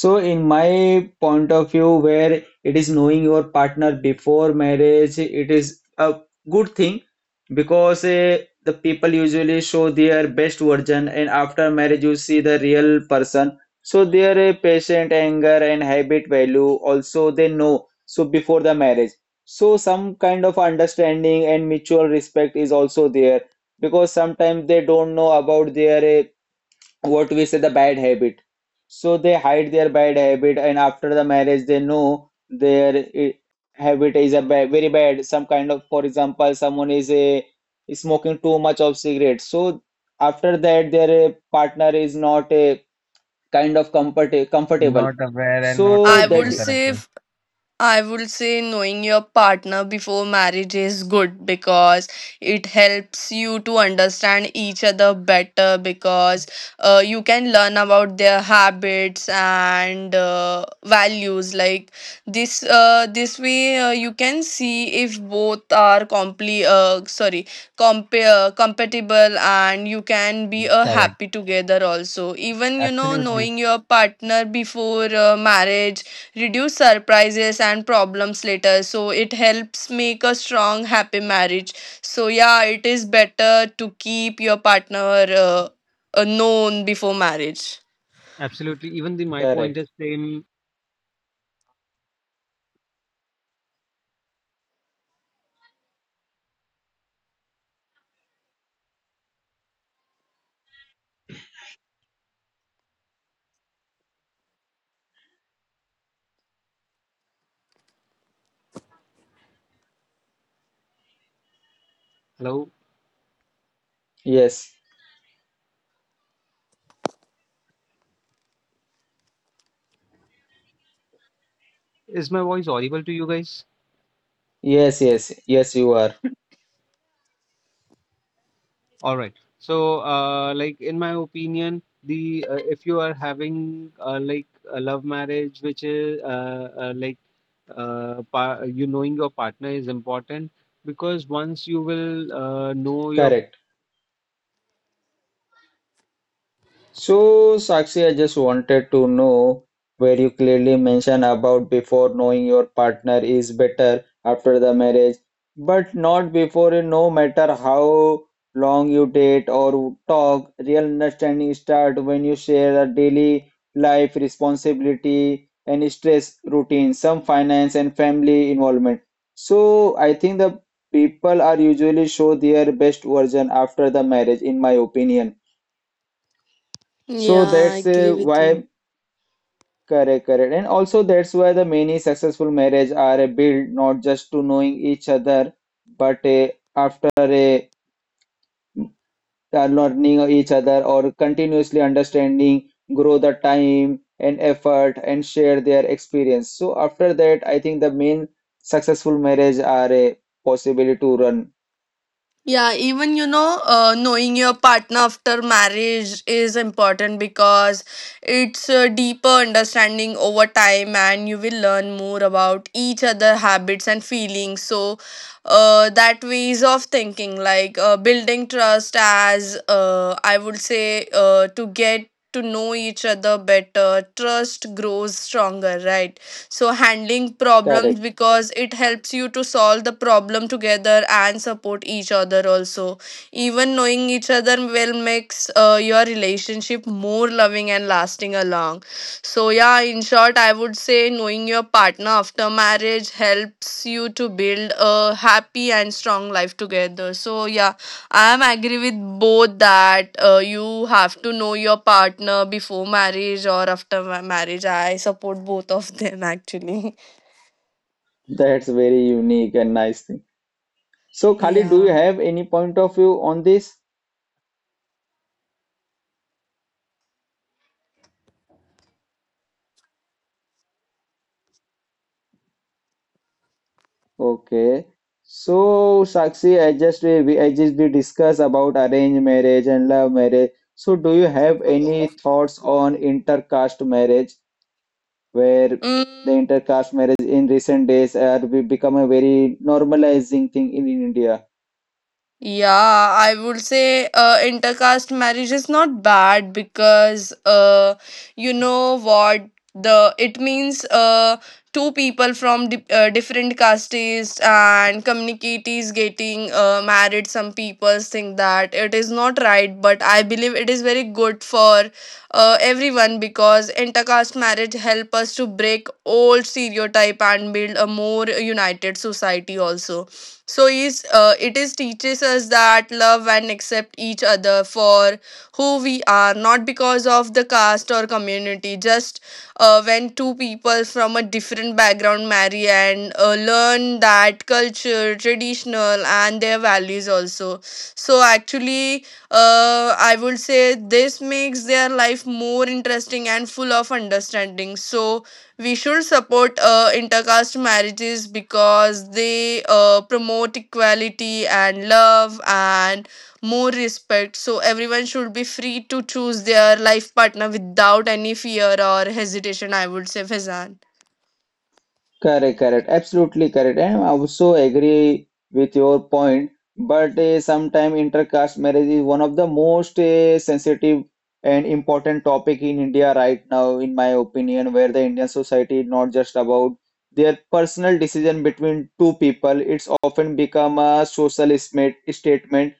So, in my point of view, where it is knowing your partner before marriage, it is a good thing, because uh, the people usually show their best version, and after marriage, you see the real person. So, their uh, patient anger and habit value also they know. So, before the marriage, so some kind of understanding and mutual respect is also there, because sometimes they don't know about their uh, what we say the bad habit, so they hide their bad habit, and after the marriage they know their eh, habit is a ba- very bad some kind of. For example, someone is a smoking too much of cigarette, so after that their eh, partner is not a kind of comfort comfortable, Not aware and not so i would comfortable, that correct? say Yes. I would say knowing your partner before marriage is good because it helps you to understand each other better, because uh, you can learn about their habits and uh, values. Like, this uh, this way, uh, you can see if both are compli uh, sorry compare compatible, and you can be uh, Correct. happy together also. Even you know Absolutely. knowing your partner before uh, marriage reduce surprises and problems later, so it helps make a strong happy marriage. So yeah, it is better to keep your partner uh, uh, known before marriage. Absolutely. Even the my point correct, is same. Hello, yes, is my voice audible to you guys? yes, yes, yes, you are All right. So uh, like in my opinion, the uh, if you are having uh, like a love marriage, which is uh, uh, like uh, par- you knowing your partner is important, because once you will uh, know your correct. So, Sakshi, I just wanted to know where you clearly mention about before knowing your partner is better after the marriage, but not before, and no matter how long you date or talk, real understanding start when you share a daily life responsibility and stress routine, some finance and family involvement. So, I think the people are usually show their best version after the marriage, in my opinion. So Yeah, I that's uh, agree with why you. correct, correct, and also that's why the many successful marriage are uh, built not just to knowing each other, but uh, after a uh, learning each other or continuously understanding, grow the time and effort and share their experience. So after that, I think the main successful marriage are a possibility to run. Yeah, even you know, uh, knowing your partner after marriage is important because it's a deeper understanding over time, and you will learn more about each other habits and feelings. So, uh, that ways of thinking, like uh, building trust, as uh, I would say, uh, to get to know each other better, trust grows stronger, right? So handling problems, Correct. because it helps you to solve the problem together and support each other also. Even knowing each other will makes uh, your relationship more loving and lasting along. So yeah, in short, I would say knowing your partner after marriage helps you to build a happy and strong life together. So yeah, I'm agree with both that uh, you have to know your partner before marriage or after ma- marriage. I support both of them actually. That's very unique and nice thing. So Khalid, do you Yeah. have any point of view on this? Okay. So, Sakshi, I just we we- I just we discuss about arranged marriage and love marriage. So, do you have any thoughts on intercaste marriage, where the Mm. intercaste marriage in recent days are be become a very normalizing thing in India? Yeah, I would say uh, intercaste marriage is not bad, because uh, you know what the it means, uh, two people from di- uh, different castes and communities getting uh, married. Some people think that it is not right, but I believe it is very good for uh, everyone, because intercaste marriage help us to break old stereotype and build a more united society also. So is uh, it is teaches us that love and accept each other for who we are, not because of the caste or community. Just uh, when two people from a different background marry and uh, learn that culture traditional and their values also. So actually, uh, I would say this makes their life more interesting and full of understanding. So we should support uh, intercaste marriages because they uh, promote equality and love and more respect. So everyone should be free to choose their life partner without any fear or hesitation, I would say, Fezan. Correct, correct, absolutely correct. And I also agree with your point, but uh, sometimes intercaste marriage is one of the most uh, sensitive and important topic in India right now, in my opinion, where the Indian society is not just about their personal decision between two people. It's often become a social sma- statement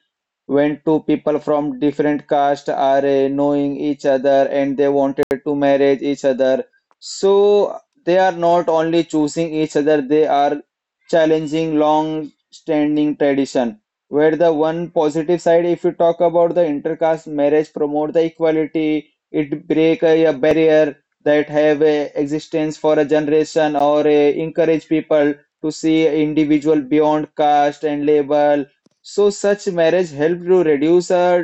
when two people from different caste are uh, knowing each other and they wanted to marry each other, so they are not only choosing each other, they are challenging long-standing tradition. Where the one positive side, if you talk about the intercaste marriage, promote the equality, it break a, a barrier that have a existence for a generation or uh, encourage people to see individual beyond caste and label. So such marriage helped to reduce uh,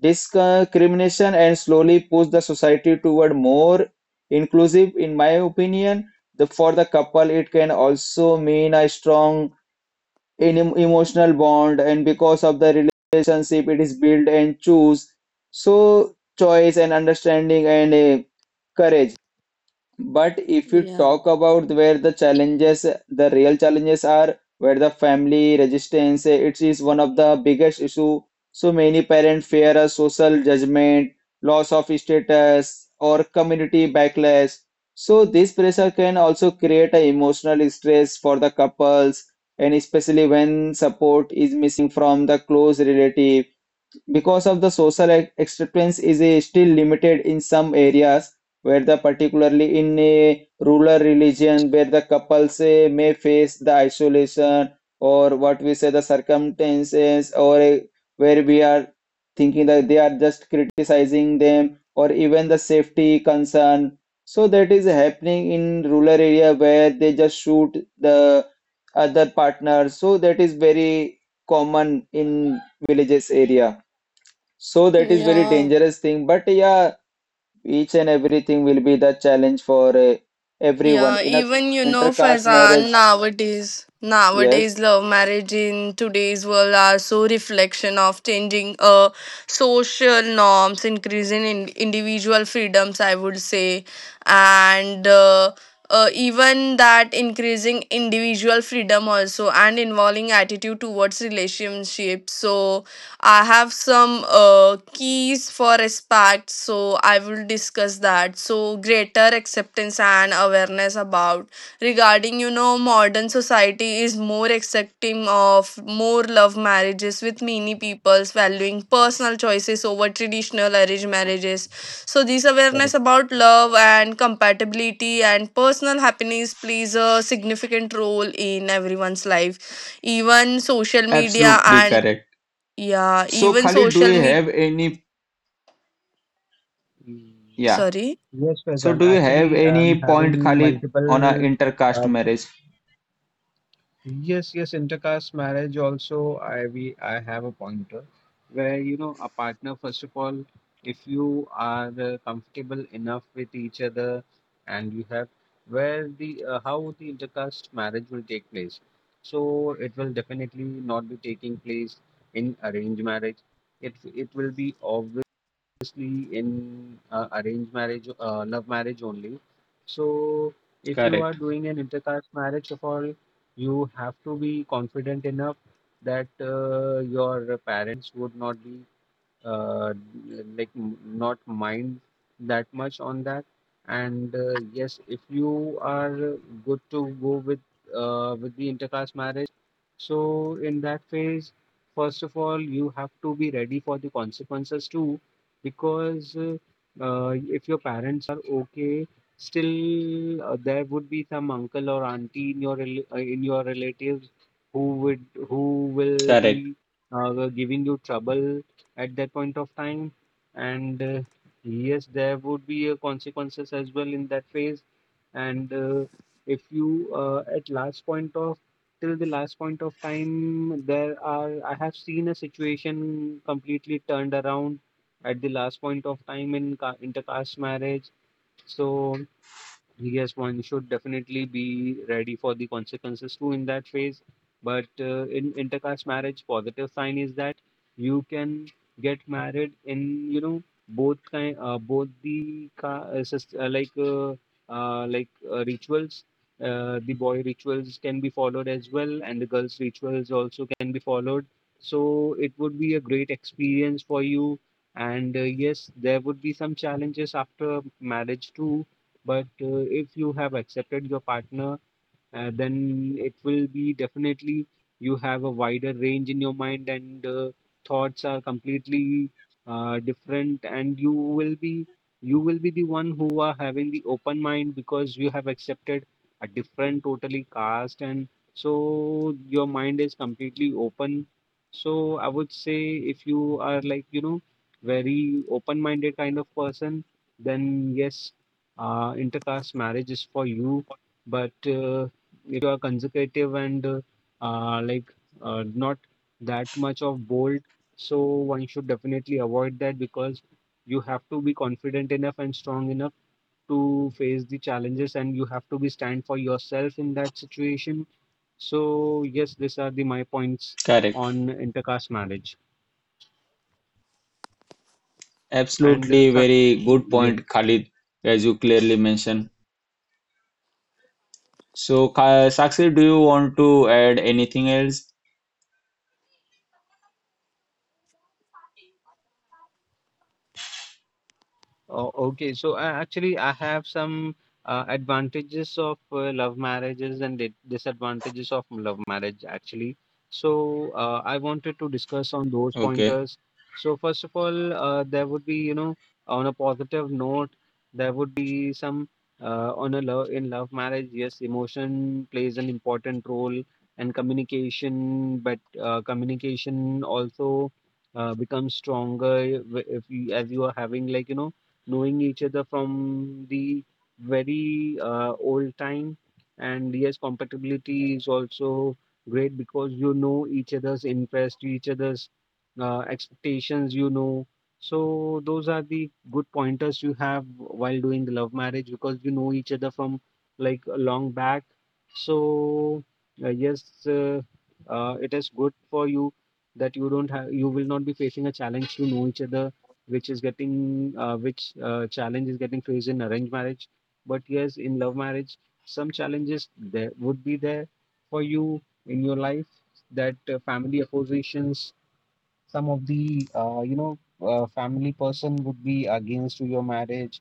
discrimination and slowly push the society toward more inclusive. In my opinion, the for the couple, it can also mean a strong in emotional bond, and because of the relationship, it is built and choose. So choice and understanding and uh, courage. But if you talk about where the challenges, the real challenges are, where the family resistance, eh, it is one of the biggest issue. So many parents fear a social judgment, loss of status, or community backlash. So this pressure can also create a emotional stress for the couples, and especially when support is missing from the close relative, because of the social ac- acceptance is eh, still limited in some areas, where the particularly in a rural religion where the couples eh, may face the isolation or what we say the circumstances or eh, where we are thinking that they are just criticizing them or even the safety concern. So that is happening in rural area where they just shoot the other partner. So that is very common in villages area. So that is very Yeah. dangerous thing. But yeah, each and everything will be the challenge for uh, everyone Yeah, in a even you know, intercaste Faizan, marriage. nowadays, Yes. nowadays love marriage in today's world are so reflection of changing uh social norms, increasing in individual freedoms, I would say, and uh, uh, even that increasing individual freedom also, and involving attitude towards relationships. So I have some uh, keys for respect, so I will discuss that. So greater acceptance and awareness about regarding you know modern society is more accepting of more love marriages, with many peoples valuing personal choices over traditional arranged marriages. So this awareness Correct. about love and compatibility and personal happiness plays a significant role in everyone's life. Even social media, Absolutely and correct. yeah, So, even Khalid, do social you media. have any? Mm. Yeah. Sorry. Yes, So, Faizan. do you have Actually, I'm any point, having Khalid, on a multiple intercaste uh, marriage? Yes, yes, intercaste marriage also I we I have a pointer where, you know, a partner, first of all, if you are uh, comfortable enough with each other and you have where the uh, how the intercaste marriage will take place. So it will definitely not be taking place in arranged marriage. It it will be obviously in uh, arranged marriage uh, love marriage only. So if you are Correct. doing an intercaste marriage, of all you have to be confident enough that uh, your parents would not be uh, like m- not mind that much on that. And uh, yes, if you are good to go with uh, with the intercaste marriage, so in that phase, first of all, you have to be ready for the consequences too, because uh, uh, if your parents are okay, still uh, there would be some uncle or auntie in your rel- uh, in your relatives who would, who will Correct. be uh, giving you trouble at that point of time. And uh, yes, there would be a consequences as well in that phase. And uh, if you uh, at last point of till the last point of time, there are I have seen a situation completely turned around at the last point of time in ca- intercaste marriage. So yes, one should definitely be ready for the consequences too in that phase. But uh, in intercaste marriage, positive sign is that you can get married in, you know, both kind uh, both the ca- uh, sys- uh, like uh, uh, like uh, rituals. Uh, the boy rituals can be followed as well, and the girls rituals also can be followed. So it would be a great experience for you. And uh, yes, there would be some challenges after marriage too, but uh, if you have accepted your partner, uh, then it will be definitely, you have a wider range in your mind and uh, thoughts are completely uh, different, and you will be, you will be the one who are having the open mind, because you have accepted a different totally caste, and so your mind is completely open. So I would say if you are like, you know, very open minded kind of person, then yes, uh, intercaste marriage is for you. But uh, if you are consecutive and uh, like uh, not that much of bold, so one should definitely avoid that, because you have to be confident enough and strong enough to face the challenges, and you have to be stand for yourself in that situation. So yes, these are the my points Correct. on intercaste marriage and uh, Absolutely, suc- very good yes. point, Khalid, as you clearly mentioned. So, Ka- Sakshi, do you want to add anything else? Oh, okay. So uh, actually, I have some uh, advantages of uh, love marriages and di- disadvantages of love marriage, actually. So uh, I wanted to discuss on those Okay. pointers. So first of all, uh, there would be, you know, on a positive note, there would be some uh, on a love in love marriage. Yes, emotion plays an important role and communication, but uh, communication also uh, becomes stronger if if you, as you are having, like, you know, knowing each other from the very uh, old time. And yes, compatibility is also great, because you know each other's interest, each other's uh, expectations, you know. So those are the good pointers you have while doing the love marriage, because you know each other from like a long back. So uh, yes, uh, uh, it is good for you that you don't have, you will not be facing a challenge to know each other, which is getting uh, which uh, challenge is getting faced in arranged marriage. But yes, in love marriage some challenges there would be there for you in your life, that uh, family oppositions, some of the uh, you know uh, family person would be against to your marriage,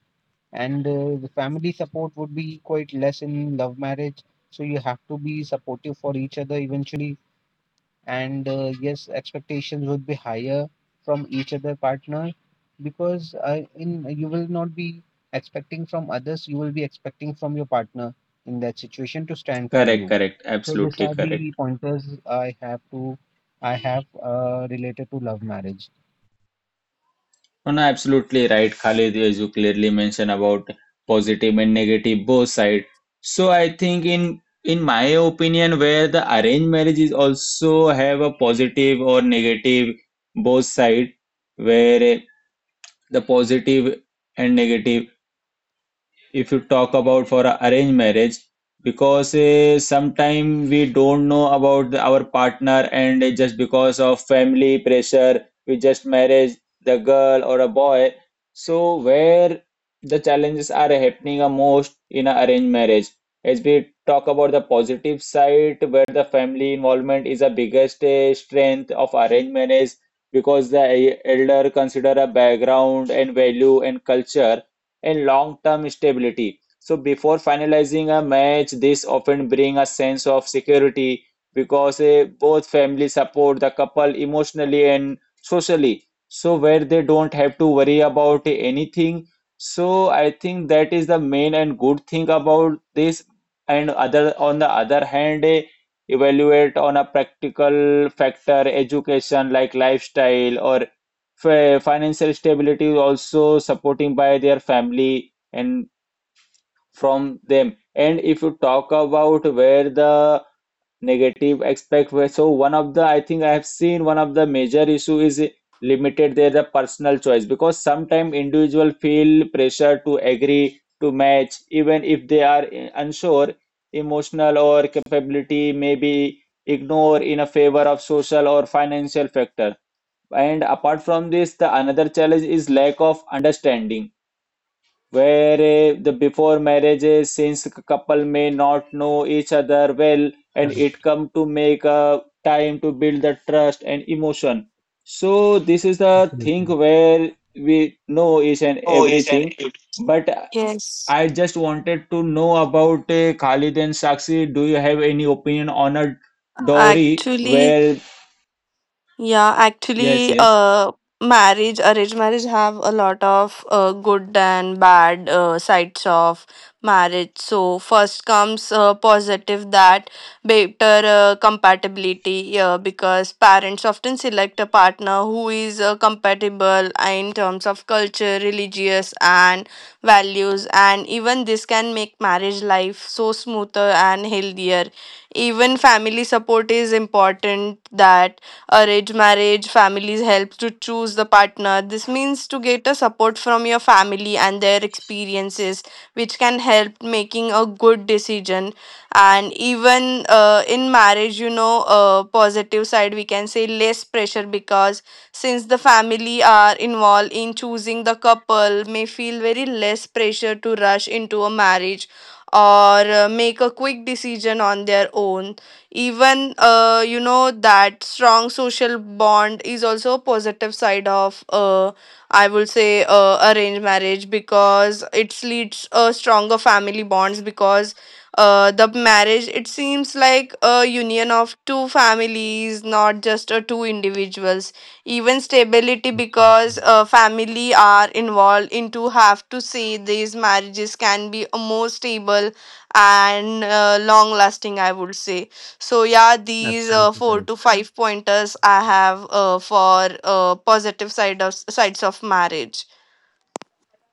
and uh, the family support would be quite less in love marriage, so you have to be supportive for each other eventually. And uh, yes, expectations would be higher from each other partner, because uh, in, you will not be expecting from others, you will be expecting from your partner in that situation to stand for Correct. you. Correct. So these Absolutely are the correct. pointers I have to I have uh, related to love marriage. Oh, no, absolutely right, Khalid, as you clearly mentioned about positive and negative both side. So I think in in my opinion, where the arranged marriage is also have a positive or negative both side. Where eh, the positive and negative, if you talk about for a arranged marriage, because uh, sometime we don't know about the- our partner and just because of family pressure we just marriage the girl or a boy, so where the challenges are happening are most in a arranged marriage. As we talk about the positive side, where the family involvement is the biggest uh, strength of arranged marriage, because the eh, elder consider a background and value and culture and long-term stability. So before finalizing a match, this often bring a sense of security, because eh, both families support the couple emotionally and socially. So where they don't have to worry about anything. So I think that is the main and good thing about this. And other on the other hand, eh, evaluate on a practical factor, education like lifestyle or fi- financial stability is also supporting by their family and from them. And if you talk about where the negative aspect, where, so one of the, I think I have seen one of the major issue is limited their the personal choice, because sometimes individual feel pressure to agree to match even if they are i- unsure. Emotional or capability may be ignored in a favor of social or financial factor. And apart from this, the another challenge is lack of understanding, where eh, the before marriages, since c- couple may not know each other well, and it Correct. come to make a time to build the trust and emotion. So this is the thing Absolutely. where we know each and everything, but Yes, I just wanted to know about uh, Khalid and Sakshi, do you have any opinion on a dowry? actually. Where Yeah, yes, actually, yes, uh, marriage, arranged marriage have a lot of uh, good and bad uh, sides of marriage. So first comes uh, positive, that better uh, compatibility, uh, because parents often select a partner who is uh, compatible in terms of culture, religious, and values, and even this can make marriage life so smoother and healthier. Even family support is important, that arranged marriage families help to choose the partner. This means to get a support from your family and their experiences, which can help making a good decision. And even uh, in marriage, you know uh, positive side we can say less pressure, because since the family are involved in choosing, the couple may feel very less pressure to rush into a marriage or uh, make a quick decision on their own. Even uh, you know that strong social bond is also a positive side of, uh, I would say, uh, arranged marriage, because it leads a stronger family bonds, because uh, the marriage it seems like a union of two families, not just uh, two individuals. Even stability, Absolutely. because uh, family are involved, into have to say these marriages can be a more stable and uh, long lasting, I would say. So yeah, these uh, Absolutely four correct. to five pointers I have uh, for uh, positive side of sides of marriage.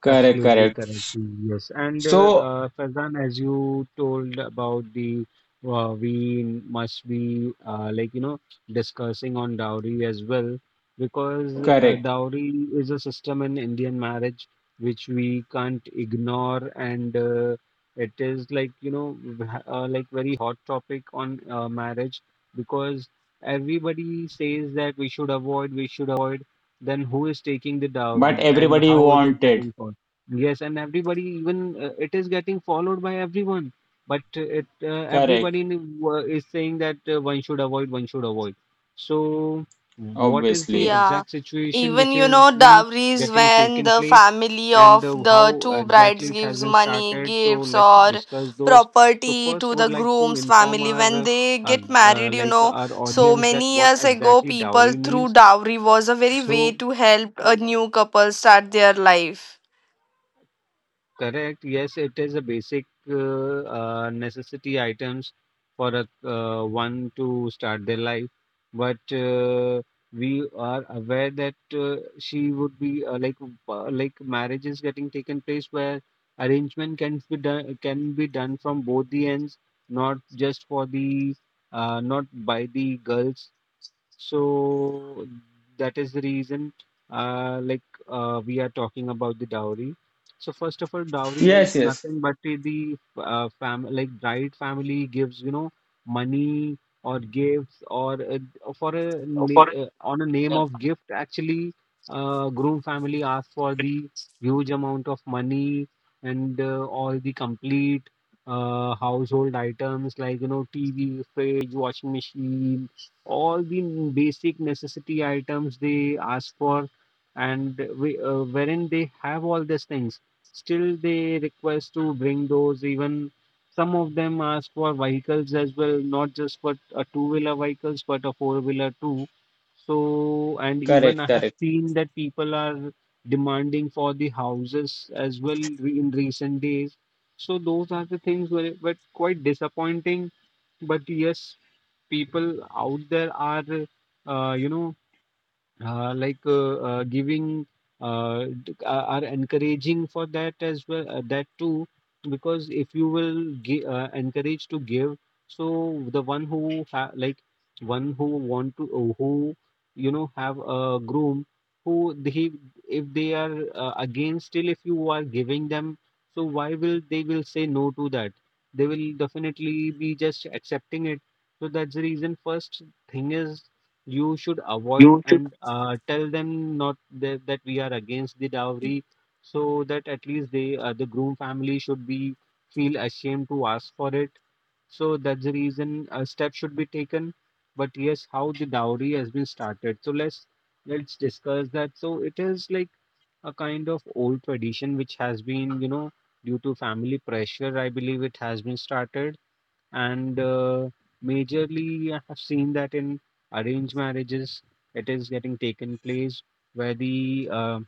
correct, Absolutely correct. correct. Yes, and uh, So uh, Farzan, as you told about the uh, we must be uh, like you know discussing on dowry as well, because uh, correct, dowry is a system in Indian marriage which we can't ignore, and uh, it is like you know v- ha- uh, like very hot topic on uh, marriage, because everybody says that we should avoid, we should avoid, then who is taking the but dowry and everybody how it is wanted getting followed. Yes, and everybody, even uh, it is getting followed by everyone. But uh, it uh, correct everybody in- uh, is saying that uh, one should avoid, one should avoid. So what is the obviously. Yeah. exact situation which Even you is know you know dowries, getting when taken the place, family and of uh, the how two exactly brides it has gives been money, started? So gifts, let's or discuss those. So property first, to would the like to groom's inform family when our uh, they uh, get uh, married, you like know. our So audience that many what years ago, exactly people dowry through means. dowry was a very way So to help a new couple start their life. Correct. Yes, it is a basic uh, uh, necessity items for a uh, one to start their life. But uh, we are aware that uh, she would be uh, like uh, like marriage is getting taken place where arrangement can be done, can be done from both the ends, not just for the uh, not by the girls. So that is the reason, uh, like uh, we are talking about the dowry. So first of all, dowry is Yes, yes. nothing but the the, uh, fam like bride family gives you know money or gifts, or uh, for a na- uh, on a name of gift. Actually uh, groom family asks for the huge amount of money, and uh, all the complete uh, household items like you know T V, fridge, washing machine, all the basic necessity items they ask for. And we, uh, wherein they have all these things, still they request to bring those. Even some of them ask for vehicles as well, not just for a two wheeler vehicles but a four wheeler too. So, and even Correct, I have correct. seen that people are demanding for the houses as well re- in recent days. So those are the things where it were quite disappointing. But yes, people out there are uh, you know uh, like uh, uh, giving uh, d- uh, are encouraging for that as well, uh, that too, because if you will gi- uh, encourage to give, so the one who ha- like one who want to uh, who you know have a groom who, he, if they are uh, against, still if you are giving them, so why will they will say no to that? They will definitely be just accepting it. So that's the reason, first thing is you should avoid, and uh, tell them not that, that we are against the dowry, so that at least they uh, the groom family should be feel ashamed to ask for it. So that's the reason a step should be taken. But yes, how the dowry has been started, so let's let's discuss that. So it is like a kind of old tradition which has been, you know due to family pressure I believe it has been started. And uh, majorly I have seen that in arranged marriages it is getting taken place, where the uh,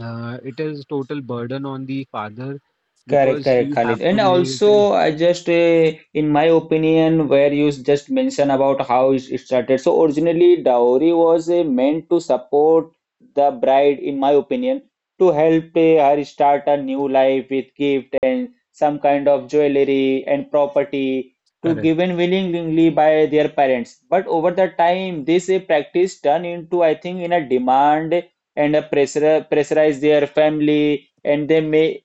uh, it is total burden on the father, Correct, because correct, he have Khalid. to And make it in also, I just, uh, in my opinion, where you just mentioned about how it it started. So originally, dowry was uh, meant to support the bride, in my opinion, to help uh, her start a new life with gift and some kind of jewelry and property, to correct. given willingly by their parents. But over the time, this uh, practice turned into, I think, in a demand and a pressure, pressurize their family, and they, may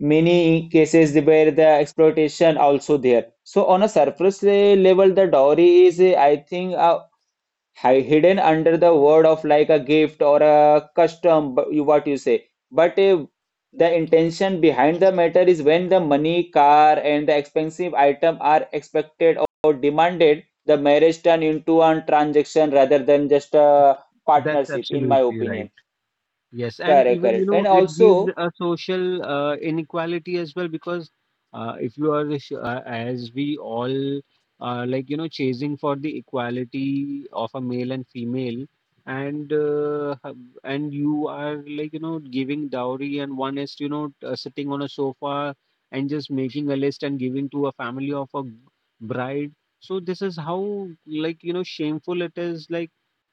many cases where the exploitation also there. So on a surface le- level, the dowry is, uh, I think, uh, hi- hidden under the word of like a gift or a custom, but you- what you say. But uh, the intention behind the matter is, when the money, car, and the expensive item are expected or demanded, the marriage turn into a transaction rather than just a That's partnership, in my absolutely right. opinion. Yes, and Correct, even you correct. know And it gives also, a social uh, inequality as well, because uh, if you are sh- uh, as we all are like you know chasing for the equality of a male and female, and uh, hub- and you are like you know giving dowry, and one is you know uh, sitting on a sofa and just making a list and giving to a family of a bride. So this is how, like you know shameful it is, like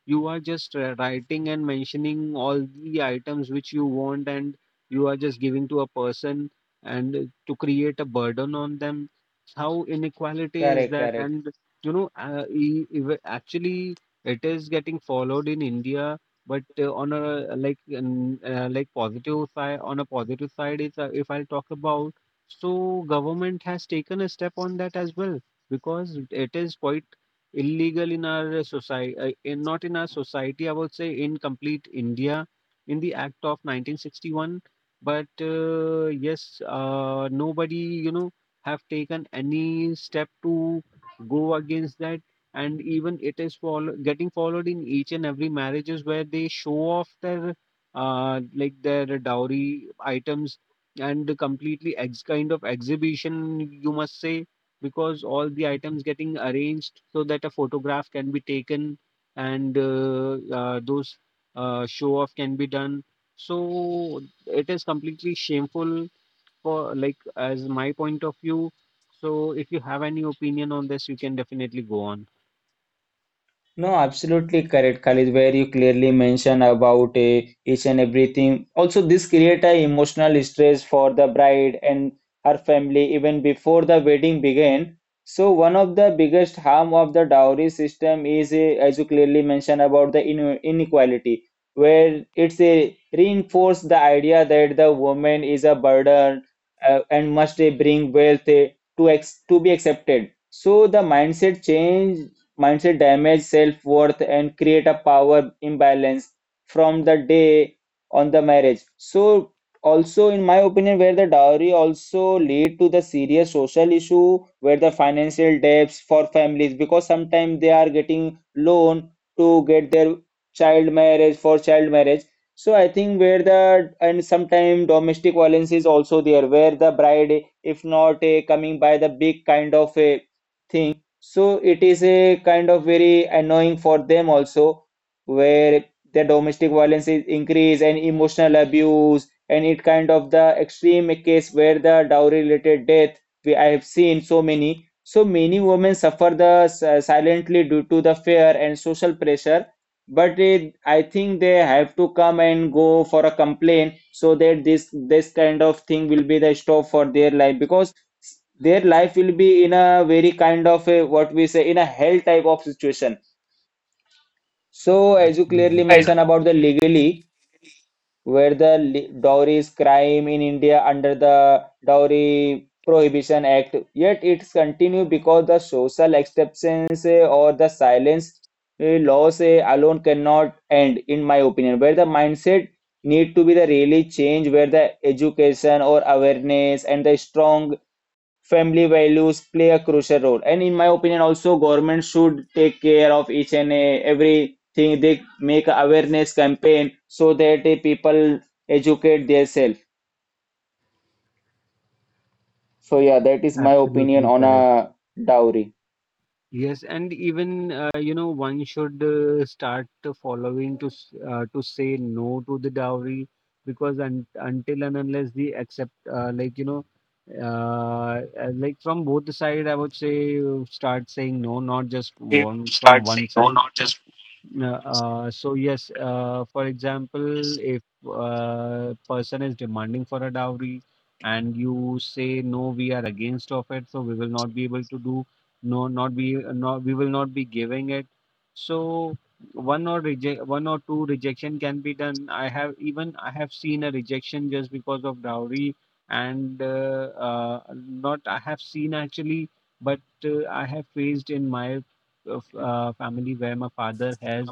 you are just uh, writing and mentioning all the items which you want, and you are just giving to a person, and uh, to create a burden on them. How inequality is correct, that? correct. And you know uh, e- ev- actually it is getting followed in India, but uh, on a uh, like an- uh, like positive side, on a positive side is uh, if I'll talk about, so government has taken a step on that as well, because it is quite illegal in our society, uh, in, not in our society, I would say in complete India in the Act of nineteen sixty-one. But uh, yes, uh, nobody, you know, have taken any step to go against that. And even it is follow- getting followed in each and every marriages, where they show off their uh, like their dowry items, and completely ex kind of exhibition, you must say, because all the items getting arranged so that a photograph can be taken, and uh, uh, those uh, show off can be done. So it is completely shameful for like as my point of view. So if you have any opinion on this, you can definitely go on. No, absolutely correct, Khalid, where you clearly mention about uh, each and everything. Also, this create a emotional stress for the bride and her family even before the wedding begin. So, one of the biggest harm of the dowry system is, uh, as you clearly mentioned, about the in inequality, where it's a reinforce the idea that the woman is a burden uh, and must uh, bring wealth uh, to ex to be accepted. So the mindset change. Mindset damage self-worth and create a power imbalance from the day on the marriage. So also in my opinion, where the dowry also lead to the serious social issue, where the financial debts for families, because sometimes they are getting loan to get their child marriage for child marriage. So I think where the, and sometimes domestic violence is also there, where the bride if not a coming by the big kind of a thing, so it is a kind of very annoying for them also, where the domestic violence is increased and emotional abuse, and it kind of the extreme case where the dowry related death, we, I have seen so many. So many women suffer the s- uh, silently due to the fear and social pressure. But it, I think they have to come and go for a complaint, so that this this kind of thing will be the stop for their life, because their life will be in a very kind of a, what we say, in a hell type of situation. So as you Absolutely clearly correct. mentioned about the legally, where the li- dowries crime in India under the Dowry Prohibition Act, yet it continues because the social acceptance eh, or the silence. Eh, laws eh, alone cannot end, in my opinion, where the mindset need to be the really change, where the education or awareness and the strong family values play a crucial role. And in my opinion also, government should take care of each and eh, every thing. They make a awareness campaign so that eh, people educate themselves. So yeah, that is my opinion Absolutely on correct. a dowry Yes, and even uh, you know one should uh, start to following to s- uh, to say no to the dowry, because un until and unless the accept uh, like you know uh, uh, like from both the side I would say uh, start saying no, not just one from one side, yeah. Uh, so yes, uh, for example, if uh, person is demanding for a dowry and you say no, we are against of it, so we will not be able to do, no, not be, not, we will not be giving it. So one or reject, one or two rejection can be done. I have, even I have seen a rejection just because of dowry, and uh, uh, not I have seen actually, but uh, I have faced in my uh, f- uh, family, where my father has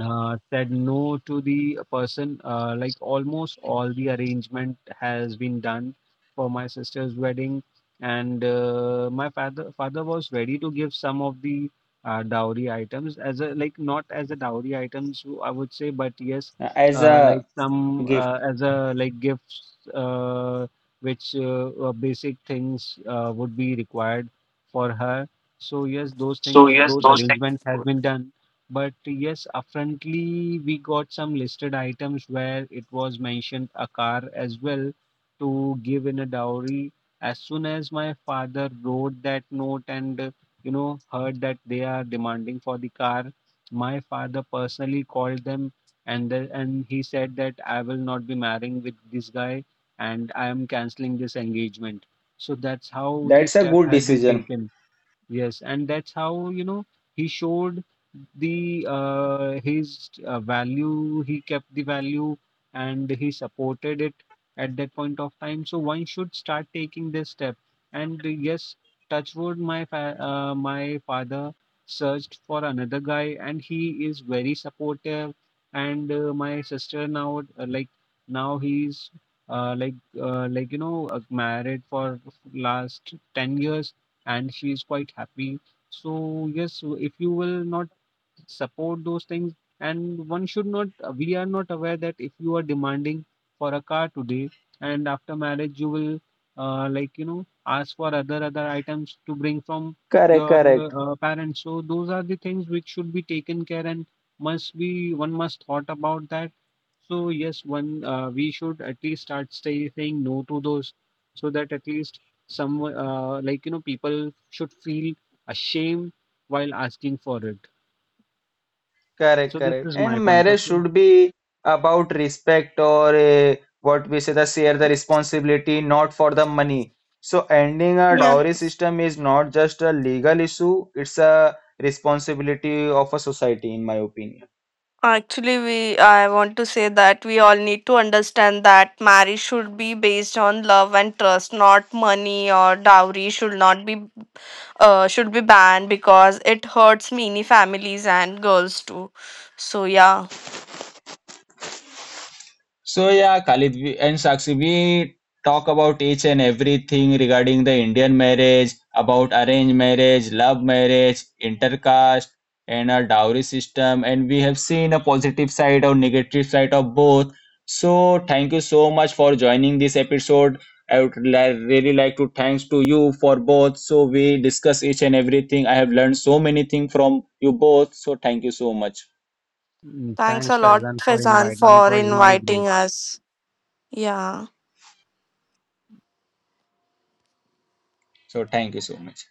uh, said no to the person. Uh, like almost all the arrangement has been done for my sister's wedding, and uh, my father father was ready to give some of the uh, dowry items as a like, not as a dowry items I would say, but yes, uh, as uh, like a some gift. uh, as a like gifts, uh, which uh, uh, basic things uh, would be required for her. So yes, those things, those arrangement has been done. But yes, upfrontly, we got some listed items where it was mentioned a car as well to give in a dowry. As soon as my father wrote that note and uh, you know heard that they are demanding for the car, my father personally called them and the, and he said that I will not be marrying with this guy and I am canceling this engagement. So that's how the That's a step good has been decision. taken. Yes, and that's how, you know, he showed the uh, his uh, value, he kept the value and he supported it at that point of time. So one should start taking this step. And uh, yes, touch wood, my fa uh, my father searched for another guy and he is very supportive. And uh, my sister now, uh, like now he's uh, like uh, like you know uh, married for last ten years and she is quite happy. So yes, so if you will not support those things, and one should not, we are not aware that if you are demanding for a car today and after marriage you will uh, like you know ask for other other items to bring from Correct, your correct, uh, parents. So those are the things which should be taken care and must be one must thought about that. So yes, one uh, we should at least start say, saying no to those, so that at least some uh, like you know people should feel ashamed while asking for it. So correct, this correct. is my And point of marriage view. should be about respect or uh, what we say, the share the responsibility, not for the money. So ending a Yeah. dowry system is not just a legal issue; it's a responsibility of a society, in my opinion. Actually, we I want to say that we all need to understand that marriage should be based on love and trust, not money, or dowry should not be uh, should be banned, because it hurts many families and girls too. So yeah, So yeah, Khalid we- and Sakshi, we talk about each and everything regarding the Indian marriage, about arranged marriage, love marriage, intercaste, and our dowry system. And we have seen a positive side or negative side of both. So thank you so much for joining this episode. I would li- really like to thanks to you for both. So we discuss each and everything. I have learned so many things from you both. So thank you so much. Mm. thanks a Thanks, lot, Faizan, for Faizan, inviting. It for was really inviting great. us. Yeah. So thank you so much.